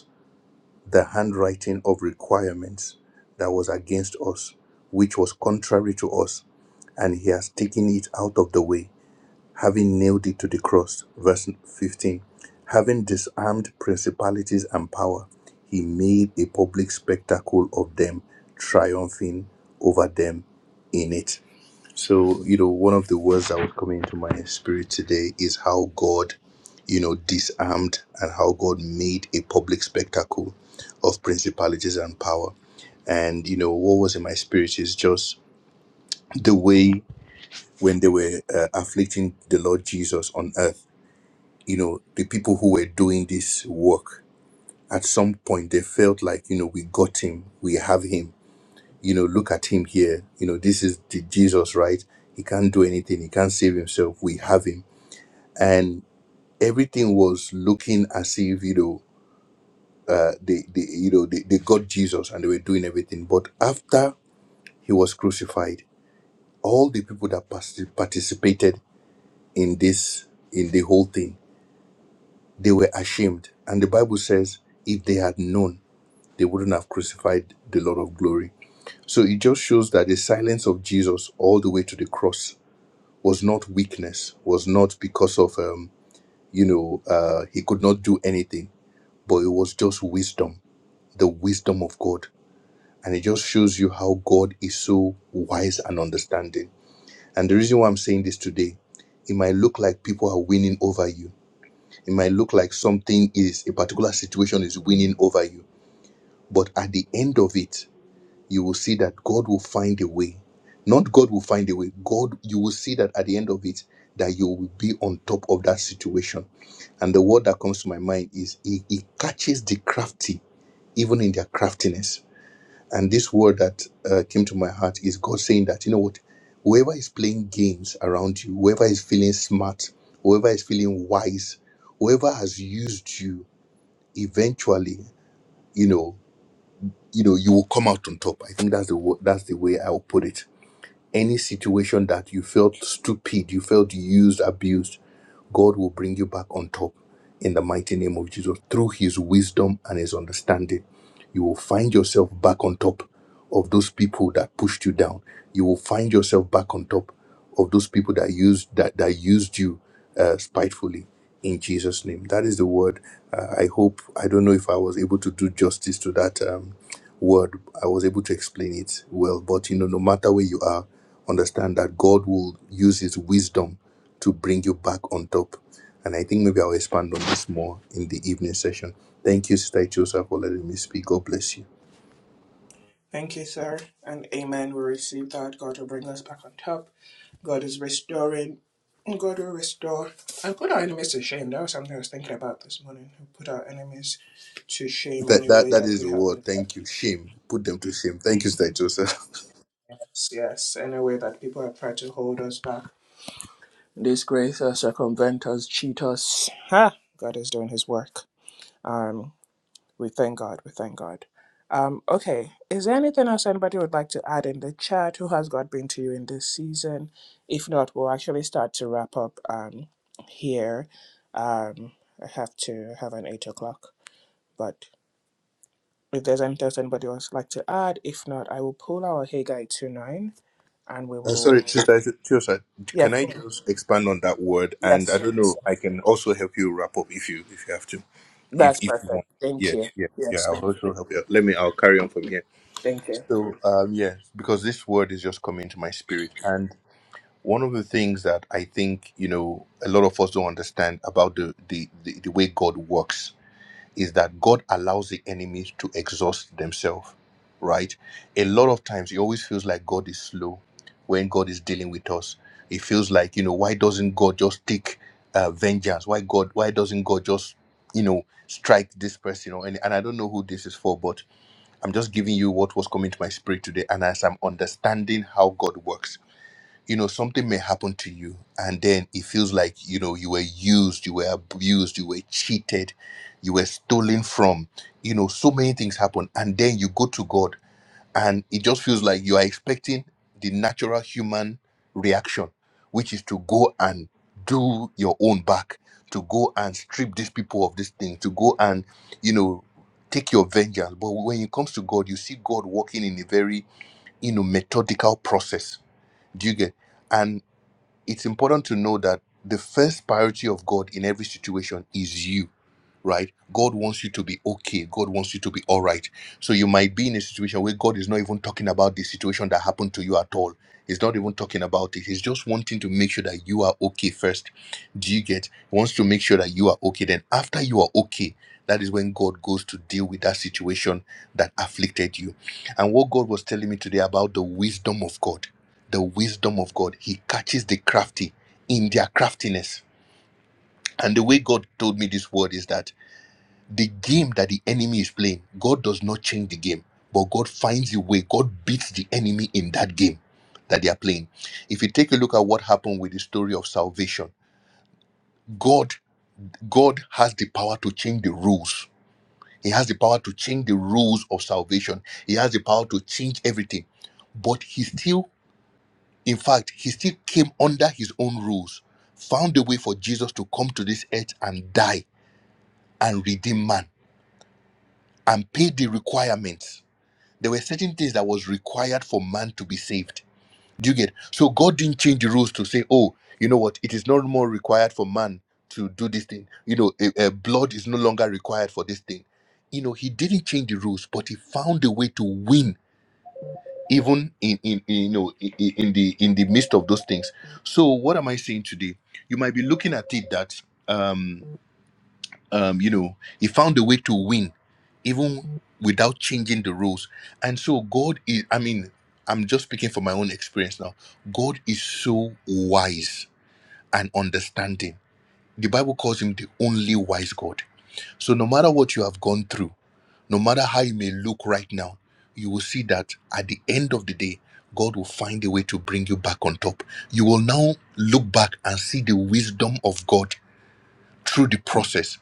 S4: the handwriting of requirements that was against us, which was contrary to us, and he has taken it out of the way, having nailed it to the cross. Verse 15. Having disarmed principalities and power, he made a public spectacle of them, triumphing over them in it. So, you know, one of the words that was coming into my spirit today is how God, you know, disarmed and how God made a public spectacle of principalities and power. And, you know, what was in my spirit is just the way when they were uh, afflicting the Lord Jesus on earth, you know, the people who were doing this work, at some point they felt like, you know, we got him, we have him you know, look at him here. You know, this is the Jesus, right? He can't do anything. He can't save himself. We have him, and everything was looking as if you know, uh, they, they you know they, they got Jesus and they were doing everything. But after he was crucified, all the people that partic- participated in this in the whole thing, they were ashamed. And the Bible says, if they had known, they wouldn't have crucified the Lord of Glory. So it just shows that the silence of Jesus all the way to the cross was not weakness, was not because of um, you know, uh he could not do anything, but it was just wisdom, the wisdom of God. And it just shows you how God is so wise and understanding. And the reason why I'm saying this today, it might look like people are winning over you. It might look like something is a particular situation is winning over you. But at the end of it, you will see that God will find a way. Not God will find a way. God, you will see that at the end of it, that you will be on top of that situation. And the word that comes to my mind is he, he catches the crafty, even in their craftiness. And this word that uh, came to my heart is God saying that, you know what, whoever is playing games around you, whoever is feeling smart, whoever is feeling wise, whoever has used you eventually, you know you know you will come out on top i think that's the wo- that's the way i'll put it any situation that you felt stupid you felt used abused god will bring you back on top in the mighty name of jesus through his wisdom and his understanding you will find yourself back on top of those people that pushed you down. You will find yourself back on top of those people that used that that used you uh, spitefully. In Jesus' name, that is the word. Uh, I hope I don't know if I was able to do justice to that um, word. I was able to explain it well, but you know, no matter where you are, understand that God will use His wisdom to bring you back on top. And I think maybe I'll expand on this more in the evening session. Thank you, Sister Chosa, for letting me speak. God bless you.
S2: Thank you, sir. And amen. We receive that. God will bring us back on top. God is restoring. God will restore and put our enemies to shame. That was something I was thinking about this morning. Put our enemies to shame
S4: That
S2: any
S4: that
S2: way
S4: that
S2: that
S4: is
S2: we
S4: the
S2: have been.
S4: word. Thank you. Shame. Put them to shame. Thank you, Sister Chosa.
S2: Yes, yes, any way that people have tried to hold us back, disgrace us, circumvent us, cheat us. Ha! God is doing His work. Um, We thank God. We thank God. Um, okay, is there anything else anybody would like to add in the chat? Who has God been to you in this season? If not, we'll actually start to wrap up um, here. Um, I have to have an eight o'clock, but if there's anything else anybody else would like to add, if not, I will pull our Haggai two nine and we
S4: Uh,
S2: will.
S4: sorry, Sister Chosa. Can
S2: Yes,
S4: I
S2: go on.
S4: just expand on that word? And I
S2: Yes,
S4: don't
S2: yes,
S4: know. I can also help you wrap up if you if you have to. If
S2: that's
S4: if you
S2: perfect.
S4: want.
S2: Thank
S4: Yeah,
S2: you.
S4: yeah, yeah.
S2: Yes,
S4: I'll
S2: thank you.
S4: also help you. Let me. I'll carry on from here.
S2: Thank you.
S4: So um, yeah, because this word is just coming to my spirit, and. one of the things that I think you know a lot of us don't understand about the the the, the way God works is that God allows the enemies to exhaust themselves, right? A lot of times it always feels like God is slow when God is dealing with us. It feels like you know why doesn't God just take uh, vengeance? Why God? Why doesn't God just you know strike this person? Or any, and I don't know who this is for, but I'm just giving you what was coming to my spirit today, and as I'm understanding how God works you know something may happen to you and then it feels like you know you were used you were abused you were cheated you were stolen from you know so many things happen and then you go to god and it just feels like you are expecting the natural human reaction which is to go and do your own back to go and strip these people of this thing to go and you know take your vengeance but when it comes to god you see god working in a very you know methodical process do you get and it's important to know that the first priority of God in every situation is you, right? God wants you to be okay. God wants you to be all right. So you might be in a situation where God is not even talking about the situation that happened to you at all. He's not even talking about it. He's just wanting to make sure that you are okay first. Do you get? He wants to make sure that you are okay. Then after you are okay, that is when God goes to deal with that situation that afflicted you. And what God was telling me today about the wisdom of God the wisdom of God. He catches the crafty in their craftiness. And the way God told me this word is that the game that the enemy is playing, God does not change the game, but God finds a way. God beats the enemy in that game that they are playing. If you take a look at what happened with the story of salvation, God God has the power to change the rules. He has the power to change the rules of salvation. He has the power to change everything. But he still In fact, he still came under his own rules, found a way for Jesus to come to this earth and die and redeem man and pay the requirements. There were certain things that was required for man to be saved. Do you get? So God didn't change the rules to say, oh, you know what? It is no more required for man to do this thing. You know, eh, eh, blood is no longer required for this thing. You know, he didn't change the rules, but he found a way to win even in in, in you know in, in in the in the midst of those things so what am i saying today you might be looking at it that um um you know he found a way to win even without changing the rules and so god is i mean i'm just speaking from my own experience now god is so wise and understanding the Bible calls him the only wise God. So, no matter what you have gone through, no matter how you may look right now, you will see that at the end of the day, God will find a way to bring you back on top. You will now look back and see the wisdom of God through the process.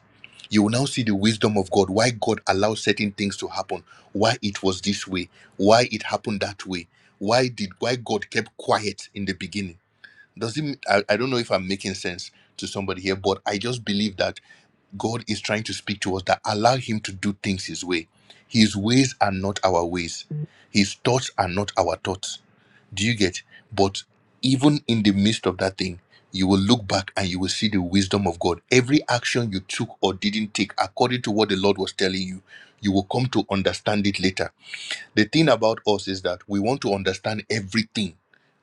S4: You will now see the wisdom of God, why God allowed certain things to happen, why it was this way, why it happened that way, why did why God kept quiet in the beginning does it I, I don't know if i'm making sense to somebody here but i just believe that god is trying to speak to us that allow him to do things his way his ways are not our ways his thoughts are not our thoughts do you get but even in the midst of that thing you will look back and you will see the wisdom of god every action you took or didn't take according to what the lord was telling you you will come to understand it later the thing about us is that we want to understand everything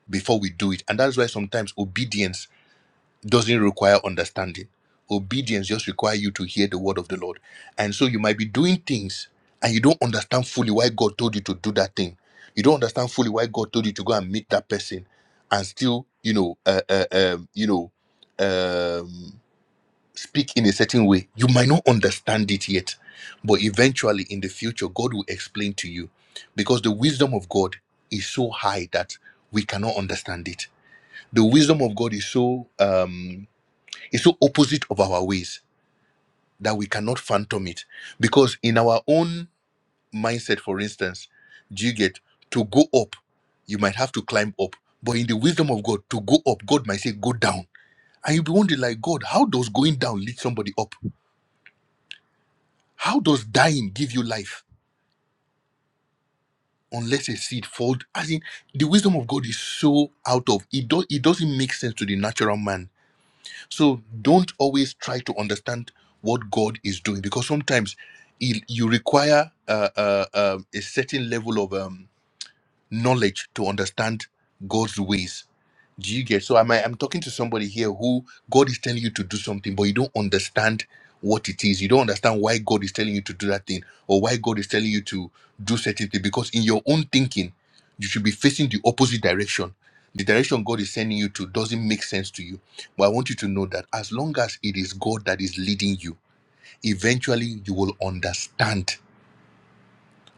S4: before we do it and that's why sometimes obedience doesn't require understanding. Obedience just requires you to hear the word of the Lord. And so you might be doing things and you don't understand fully why God told you to do that thing. You don't understand fully why God told you to go and meet that person and still, you know, uh, uh, um, you know, um, speak in a certain way. You might not understand it yet, but eventually in the future, God will explain to you because the wisdom of God is so high that we cannot understand it. The wisdom of God is so. Um, it's so opposite of our ways that we cannot phantom it. Because in our own mindset, for instance, do you get to go up, you might have to climb up. But in the wisdom of God, to go up, God might say, go down. And you'll be wondering, like, God, how does going down lead somebody up? How does dying give you life? Unless a seed falls, as in the wisdom of God is so out of it, do, it doesn't make sense to the natural man So don't always try to understand what God is doing because sometimes il- you require uh, uh, um, a certain level of um, knowledge to understand God's ways. Do you get? So I'm I'm talking to somebody here who God is telling you to do something, but you don't understand what it is. You don't understand why God is telling you to do that thing or why God is telling you to do certain thing. Because in your own thinking, you should be facing the opposite direction. The direction God is sending you to doesn't make sense to you. But I want you to know that as long as it is God that is leading you, eventually you will understand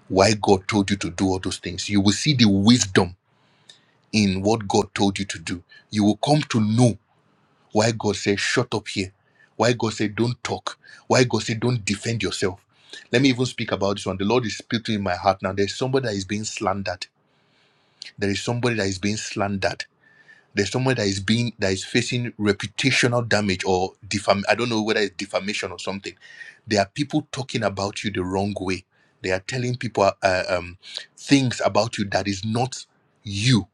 S4: why God told you to do all those things. You will see the wisdom in what God told you to do. You will come to know why God said, shut up here. Why God said, don't talk. Why God said, don't defend yourself. Let me even speak about this one. The Lord is speaking in my heart now. There's somebody that is being slandered. There is somebody that is being slandered. There's somebody that is being that is facing reputational damage or defam. I don't know whether it's defamation or something. There are people talking about you the wrong way. They are telling people uh, um, things about you that is not you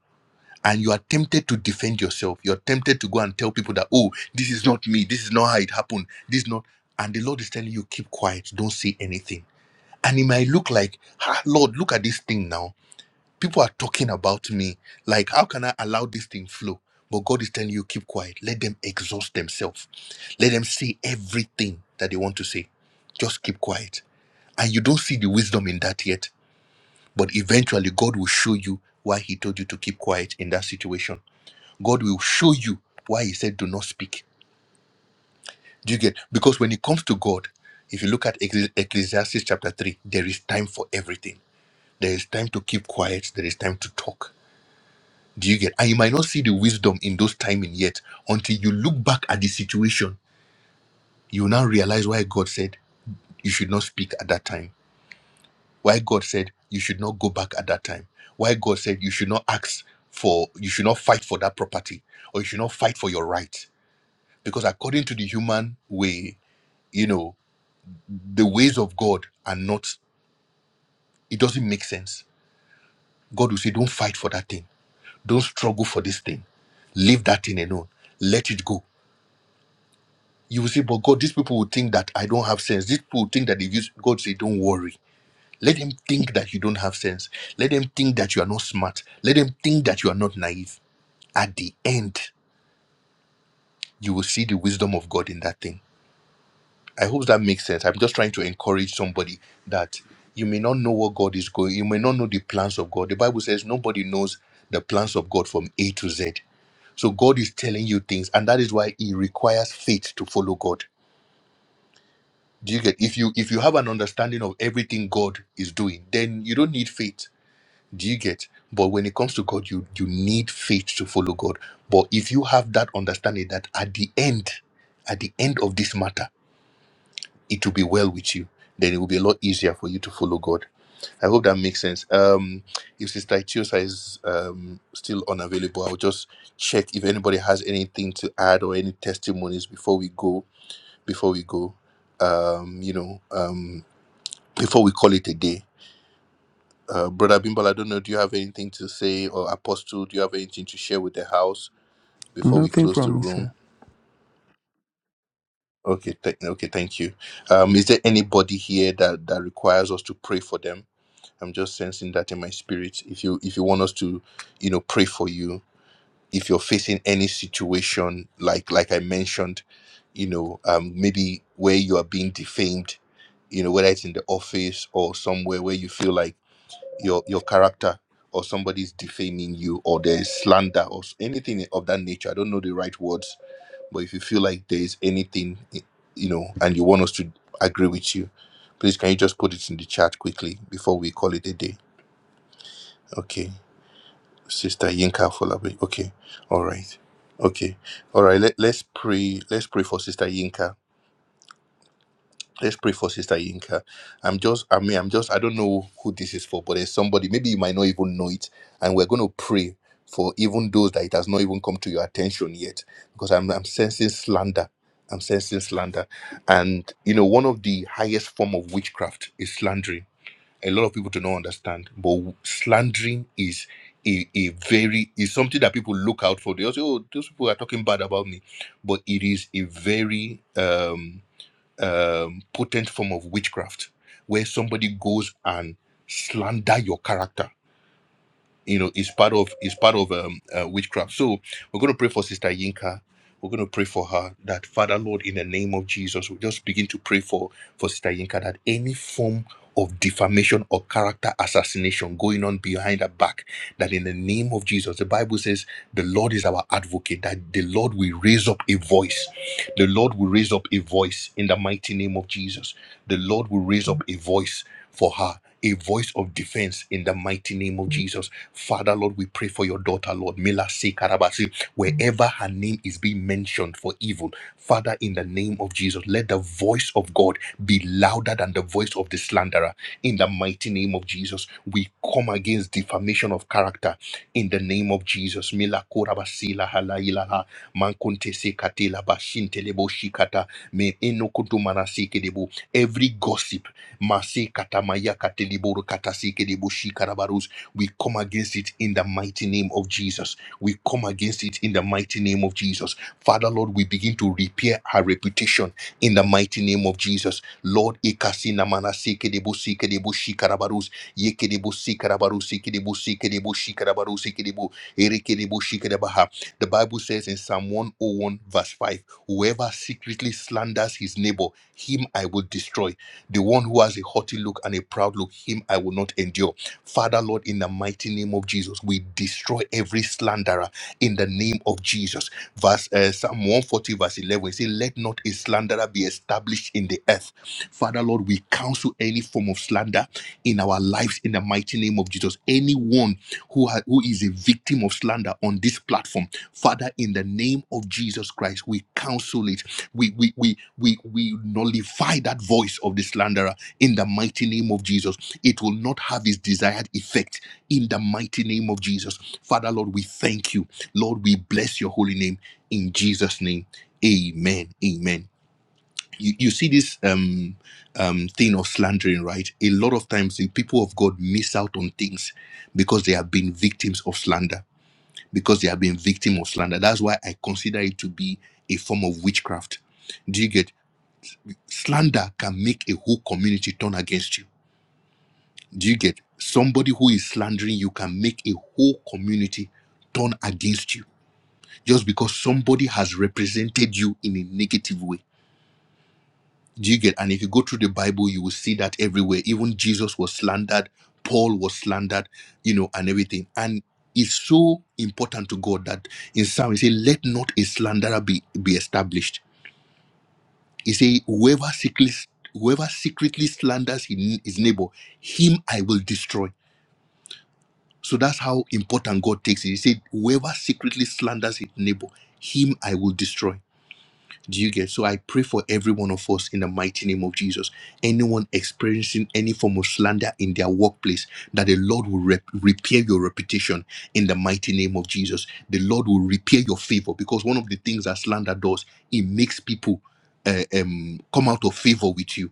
S4: and you are tempted to defend yourself. You're tempted to go and tell people that, oh, this is not me. This is not how it happened. This is not. And the Lord is telling you, keep quiet. Don't say anything. And it might look like, ah, Lord, look at this thing now. People are talking about me. Like, how can I allow this thing flow? But God is telling you, keep quiet. Let them exhaust themselves. Let them say everything that they want to say. Just keep quiet. And you don't see the wisdom in that yet. But eventually, God will show you why He told you to keep quiet in that situation God will show you why he said, do not speak. Do you get? Because when it comes to God, if you look at Ecclesi- Ecclesiastes chapter 3, there is time for everything. There is time to keep quiet. There is time to talk. Do you get? And you might not see the wisdom in those timing yet until you look back at the situation. You now realize why God said you should not speak at that time. Why God said you should not go back at that time. Why God said you should not ask for, you should not fight for that property or you should not fight for your right. Because according to the human way, you know the ways of god are not it doesn't make sense god will say don't fight for that thing don't struggle for this thing leave that thing alone let it go you will say but god these people will think that i don't have sense these people will think that they use god say don't worry let them think that you don't have sense let them think that you are not smart let them think that you are not naive at the end you will see the wisdom of god in that thing I hope that makes sense. I'm just trying to encourage somebody that you may not know what God is going. You may not know the plans of God. The Bible says nobody knows the plans of God from A to Z. So God is telling you things, and that is why He requires faith to follow God. Do you get? If you if you have an understanding of everything God is doing, then you don't need faith. Do you get? But when it comes to God, you you need faith to follow God. But if you have that understanding that at the end, at the end of this matter it will be well with you. Then it will be a lot easier for you to follow God. I hope that makes sense. Um, if Sister Chiosa is um, still unavailable, I'll just check if anybody has anything to add or any testimonies before we go. Before we go, um, you know, um, before we call it a day. Uh, Brother Bimbal, I don't know. Do you have anything to say, or Apostle? Do you have anything to share with the house before we
S1: Nothing
S4: close the
S1: from me, sir.
S4: room? Okay, th- okay, thank you. Um, is there anybody here that that requires us to pray for them? I'm just sensing that in my spirit. If you if you want us to, you know, pray for you, if you're facing any situation like like I mentioned, you know, um, maybe where you are being defamed, you know, whether it's in the office or somewhere where you feel like your your character or somebody's defaming you or there's slander or s- anything of that nature. I don't know the right words, but if you feel like there's anything, y- you know, and you want us to agree with you, please can you just put it in the chat quickly before we call it a day? Okay, Sister Yinka Folabi. Okay, all right. Okay, all right. Let, let's pray. Let's pray for Sister Yinka. Let's pray for Sister Yinka. I'm just, I mean, I'm just, I don't know who this is for, but there's somebody, maybe you might not even know it. And we're going to pray for even those that it has not even come to your attention yet, because I'm, I'm sensing slander. I'm sensing slander. And, you know, one of the highest form of witchcraft is slandering a lot of people do not understand. But slandering is a, a very is something that people look out for. They say, "Oh, those people are talking bad about me," but it is a very um, um, potent form of witchcraft, where somebody goes and slander your character you know is part of is part of um, uh, witchcraft so we're going to pray for sister yinka we're going to pray for her that father lord in the name of jesus we just begin to pray for for sister yinka that any form of defamation or character assassination going on behind her back that in the name of jesus the bible says the lord is our advocate that the lord will raise up a voice the Lord will raise up a voice in the mighty name of Jesus. The Lord will raise up a voice for her, a voice of defense in the mighty name of Jesus. Father, Lord, we pray for your daughter, Lord, Mila C. Karabasi, wherever her name is being mentioned for evil. Father, in the name of Jesus, let the voice of God be louder than the voice of the slanderer. In the mighty name of Jesus, we come against defamation of character in the name of Jesus. Mila korabasila mankunte mankuntese katela bashinte lebo shikata me enokutumana sekedebo. Every gossip, mase katamaya katelibo katase shikara shikarabarus, we come against it in the mighty name mighty name of Jesus. We come against it in the mighty name of Jesus. Father, Lord, we begin to repair her reputation in the mighty name of Jesus. Lord, ikasina manasike debu sike debu shikarabarus, yeke debu sikarabarus, sike debu sike debu shikarabarus, sike debu ereke debu shikarabaha. The Bible says in Psalm 101, verse 5, whoever secretly slanders his neighbor, him I will destroy. The one who has a haughty look and a proud look, him I will not endure. Father, Lord, in the mighty name of Jesus, we destroy every slanderer in the name of Jesus. Verse uh, Psalm 140, verse 11, we say, Let not a slanderer be established in the earth. Father, Lord, we counsel any form of slander in our lives in the mighty name of Jesus. Anyone who, ha- who is a victim of slander on this platform, Father, in the name of Jesus Christ, we counsel it. We, we, we, we, we nullify that voice of the slanderer in the mighty name of Jesus it will not have its desired effect in the mighty name of Jesus. Father, Lord, we thank you. Lord, we bless your holy name in Jesus' name. Amen. Amen. You, you see this um, um, thing of slandering, right? A lot of times the people of God miss out on things because they have been victims of slander, because they have been victim of slander. That's why I consider it to be a form of witchcraft. Do you get slander can make a whole community turn against you? Do you get somebody who is slandering you can make a whole community turn against you just because somebody has represented you in a negative way? Do you get? And if you go through the Bible, you will see that everywhere. Even Jesus was slandered, Paul was slandered, you know, and everything. And it's so important to God that in Psalm, he said, Let not a slanderer be, be established. He said, Whoever secretly, whoever secretly slanders his his neighbor, him I will destroy So that's how important God takes it. He said, Whoever secretly slanders his neighbor, him I will destroy. Do you get? So I pray for every one of us in the mighty name of Jesus. Anyone experiencing any form of slander in their workplace, that the Lord will rep- repair your reputation in the mighty name of Jesus. The Lord will repair your favor because one of the things that slander does, it makes people uh, um, come out of favor with you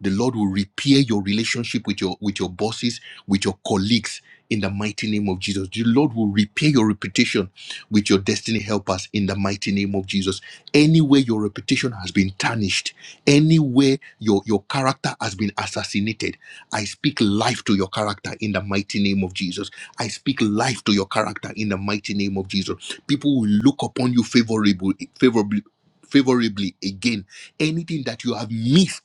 S4: the Lord will repair your relationship with your with your bosses, with your colleagues in the mighty name of Jesus. The Lord will repair your reputation with your destiny helpers in the mighty name of Jesus. Anywhere your reputation has been tarnished, anywhere your, your character has been assassinated, I speak life to your character in the mighty name of Jesus. I speak life to your character in the mighty name of Jesus. People will look upon you favorably, favorably, favorably again. Anything that you have missed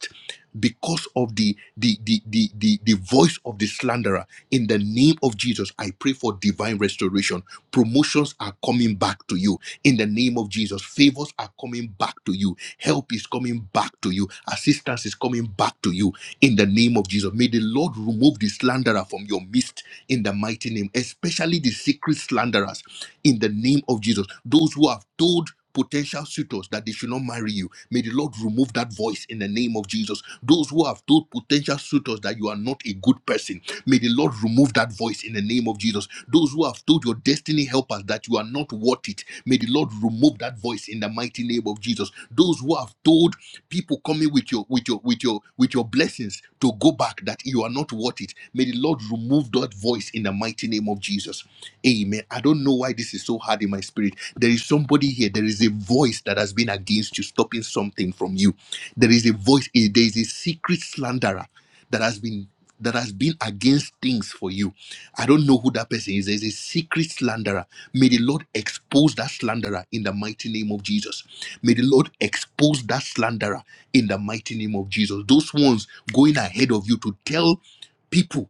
S4: because of the the, the the the the voice of the slanderer in the name of jesus i pray for divine restoration promotions are coming back to you in the name of jesus favors are coming back to you help is coming back to you assistance is coming back to you in the name of jesus may the lord remove the slanderer from your midst in the mighty name especially the secret slanderers in the name of jesus those who have told potential suitors that they should not marry you May the Lord remove that voice in the name of Jesus. Those who have told potential suitors that you are not a good person, may the Lord remove that voice in the name of Jesus. Those who have told your destiny helpers that you are not worth it, may the Lord remove that voice in the mighty name of Jesus. Those who have told people coming with your with your with your with your blessings to go back that you are not worth it, may the Lord remove that voice in the mighty name of Jesus. Amen. I don't know why this is so so hard in my spirit. There is somebody here. There is a voice that has been against you, stopping something from you. There is a voice. a- There is a secret slanderer that has been that has been against things for you. I don't know who that person is. There is a secret slanderer. May the Lord expose that slanderer in the mighty name of Jesus. May the Lord expose that slanderer in the mighty name of Jesus. Those ones going ahead of you to tell people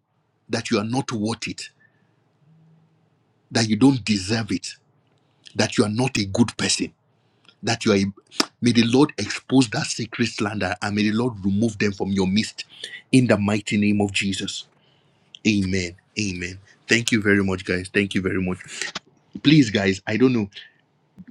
S4: that you are not worth it, that you don't deserve it that you are not a good person. That you are, a, may the Lord expose that secret slander and may the Lord remove them from your midst in the mighty name of Jesus. Amen. Amen. Thank you very much, guys. Thank you very much. Please, guys, I don't know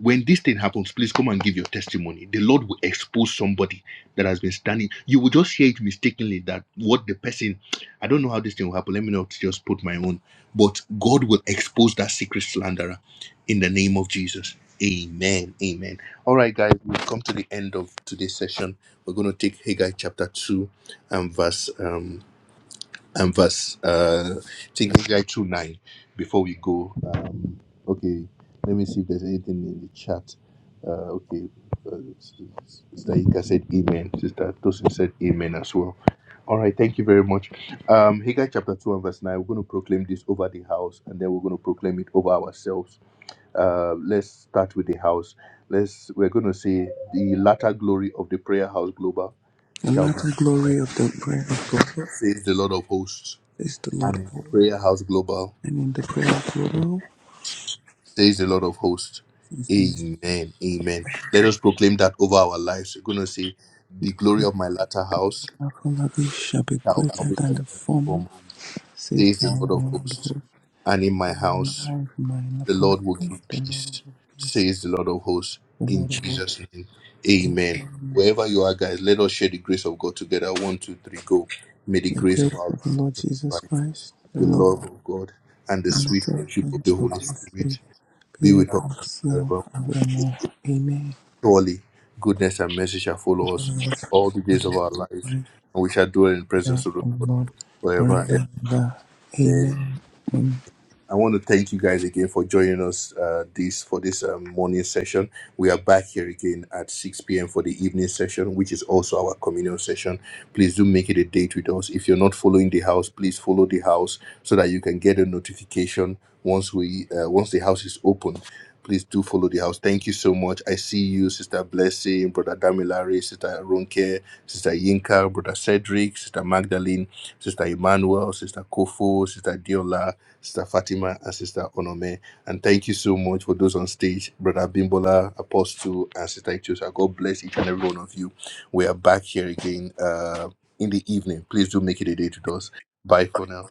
S4: when this thing happens, please come and give your testimony. The Lord will expose somebody that has been standing. You will just hear it mistakenly that what the person, I don't know how this thing will happen. Let me not just put my own, but God will expose that secret slanderer in the name of Jesus. Amen. Amen. All right, guys, we've come to the end of today's session. We're going to take Haggai chapter 2 and verse. um and verse uh I think Haggai 2 9 before we go. Um okay, let me see if there's anything in the chat. Uh okay. Uh, Sister Ika said amen. Sister Tosin said amen as well. All right, thank you very much. Um Haggai chapter 2 and verse 9. We're going to proclaim this over the house and then we're going to proclaim it over ourselves. Uh let's start with the house. Let's we're gonna say the latter glory of the prayer house global
S1: The
S4: shall be
S1: latter glory of the prayer of God
S4: says the Lord of hosts
S1: is the Lord of
S4: and
S1: all.
S4: Prayer House Global
S1: And in the prayer of Global
S4: says the Lord of hosts.
S1: says the Lord,
S4: Amen. Amen. Let us proclaim that over our lives. We're going to say, The
S1: the
S4: glory
S1: "Glory
S4: of my latter house
S1: and Afolabi shall be
S4: shall be
S1: greater
S4: greater
S1: than
S4: than
S1: the
S4: the
S1: former,
S4: former,
S1: says
S4: says
S1: the
S4: the Lord of
S1: Lord of
S4: hosts.
S1: all.
S4: And in my
S1: For My
S4: house,
S1: life, my
S4: the
S1: family,
S4: Lord will give
S1: the Lord of
S4: peace,
S1: all peace,
S4: says the Lord of hosts.
S1: the
S4: In
S1: Lord of all.
S4: Jesus' name. Amen.
S1: Amen.
S4: Wherever you are, guys, let us share the grace of God together. One, two, three, go. May the
S1: The
S4: grace of
S1: grace
S4: our Lord
S1: of the Lord Jesus
S4: Christ,
S1: Christ, the
S4: the
S1: love of
S4: love of God, and the
S1: and the
S4: sweet
S1: prayer
S4: fellowship of
S1: of
S4: the
S1: the
S4: Holy
S1: Holy
S4: Spirit
S1: Spirit be
S4: be
S1: with
S4: with us now
S1: us now
S4: forever.
S1: and forevermore. Amen.
S4: Surely goodness and mercy shall follow us
S1: Upon us,
S4: all the
S1: for
S4: days of
S1: the
S4: our lives,
S1: Lord,
S4: and we shall dwell in the presence
S1: and
S4: of the
S1: the
S4: Lord
S1: Lord
S4: forever and
S1: forever and ever.
S4: ever.
S1: Amen. Amen.
S4: I want to thank you guys again for joining us uh, this for this um, morning session. We are back here again at 6 p.m. for the evening session, which is also our communion session. Please do make it a date with us. If you're not following the house, please follow the house so that you can get a notification once we uh, once the house is open. Please do follow the house. Thank you so much. I see you, Sister Blessing, Brother Damilare, Sister Ronke, Sister Yinka, Brother Cedric, Sister Magdalene, Sister Emmanuel, Sister Kofo, Sister Diola, Sister Fatima and Sister Onome. And thank you so much for those on stage, Brother Bimbola, Apostle, and Sister Ichosa. God bless each and every one of you. We are back here again uh, in the evening. Please do make it a day to us. Bye for now.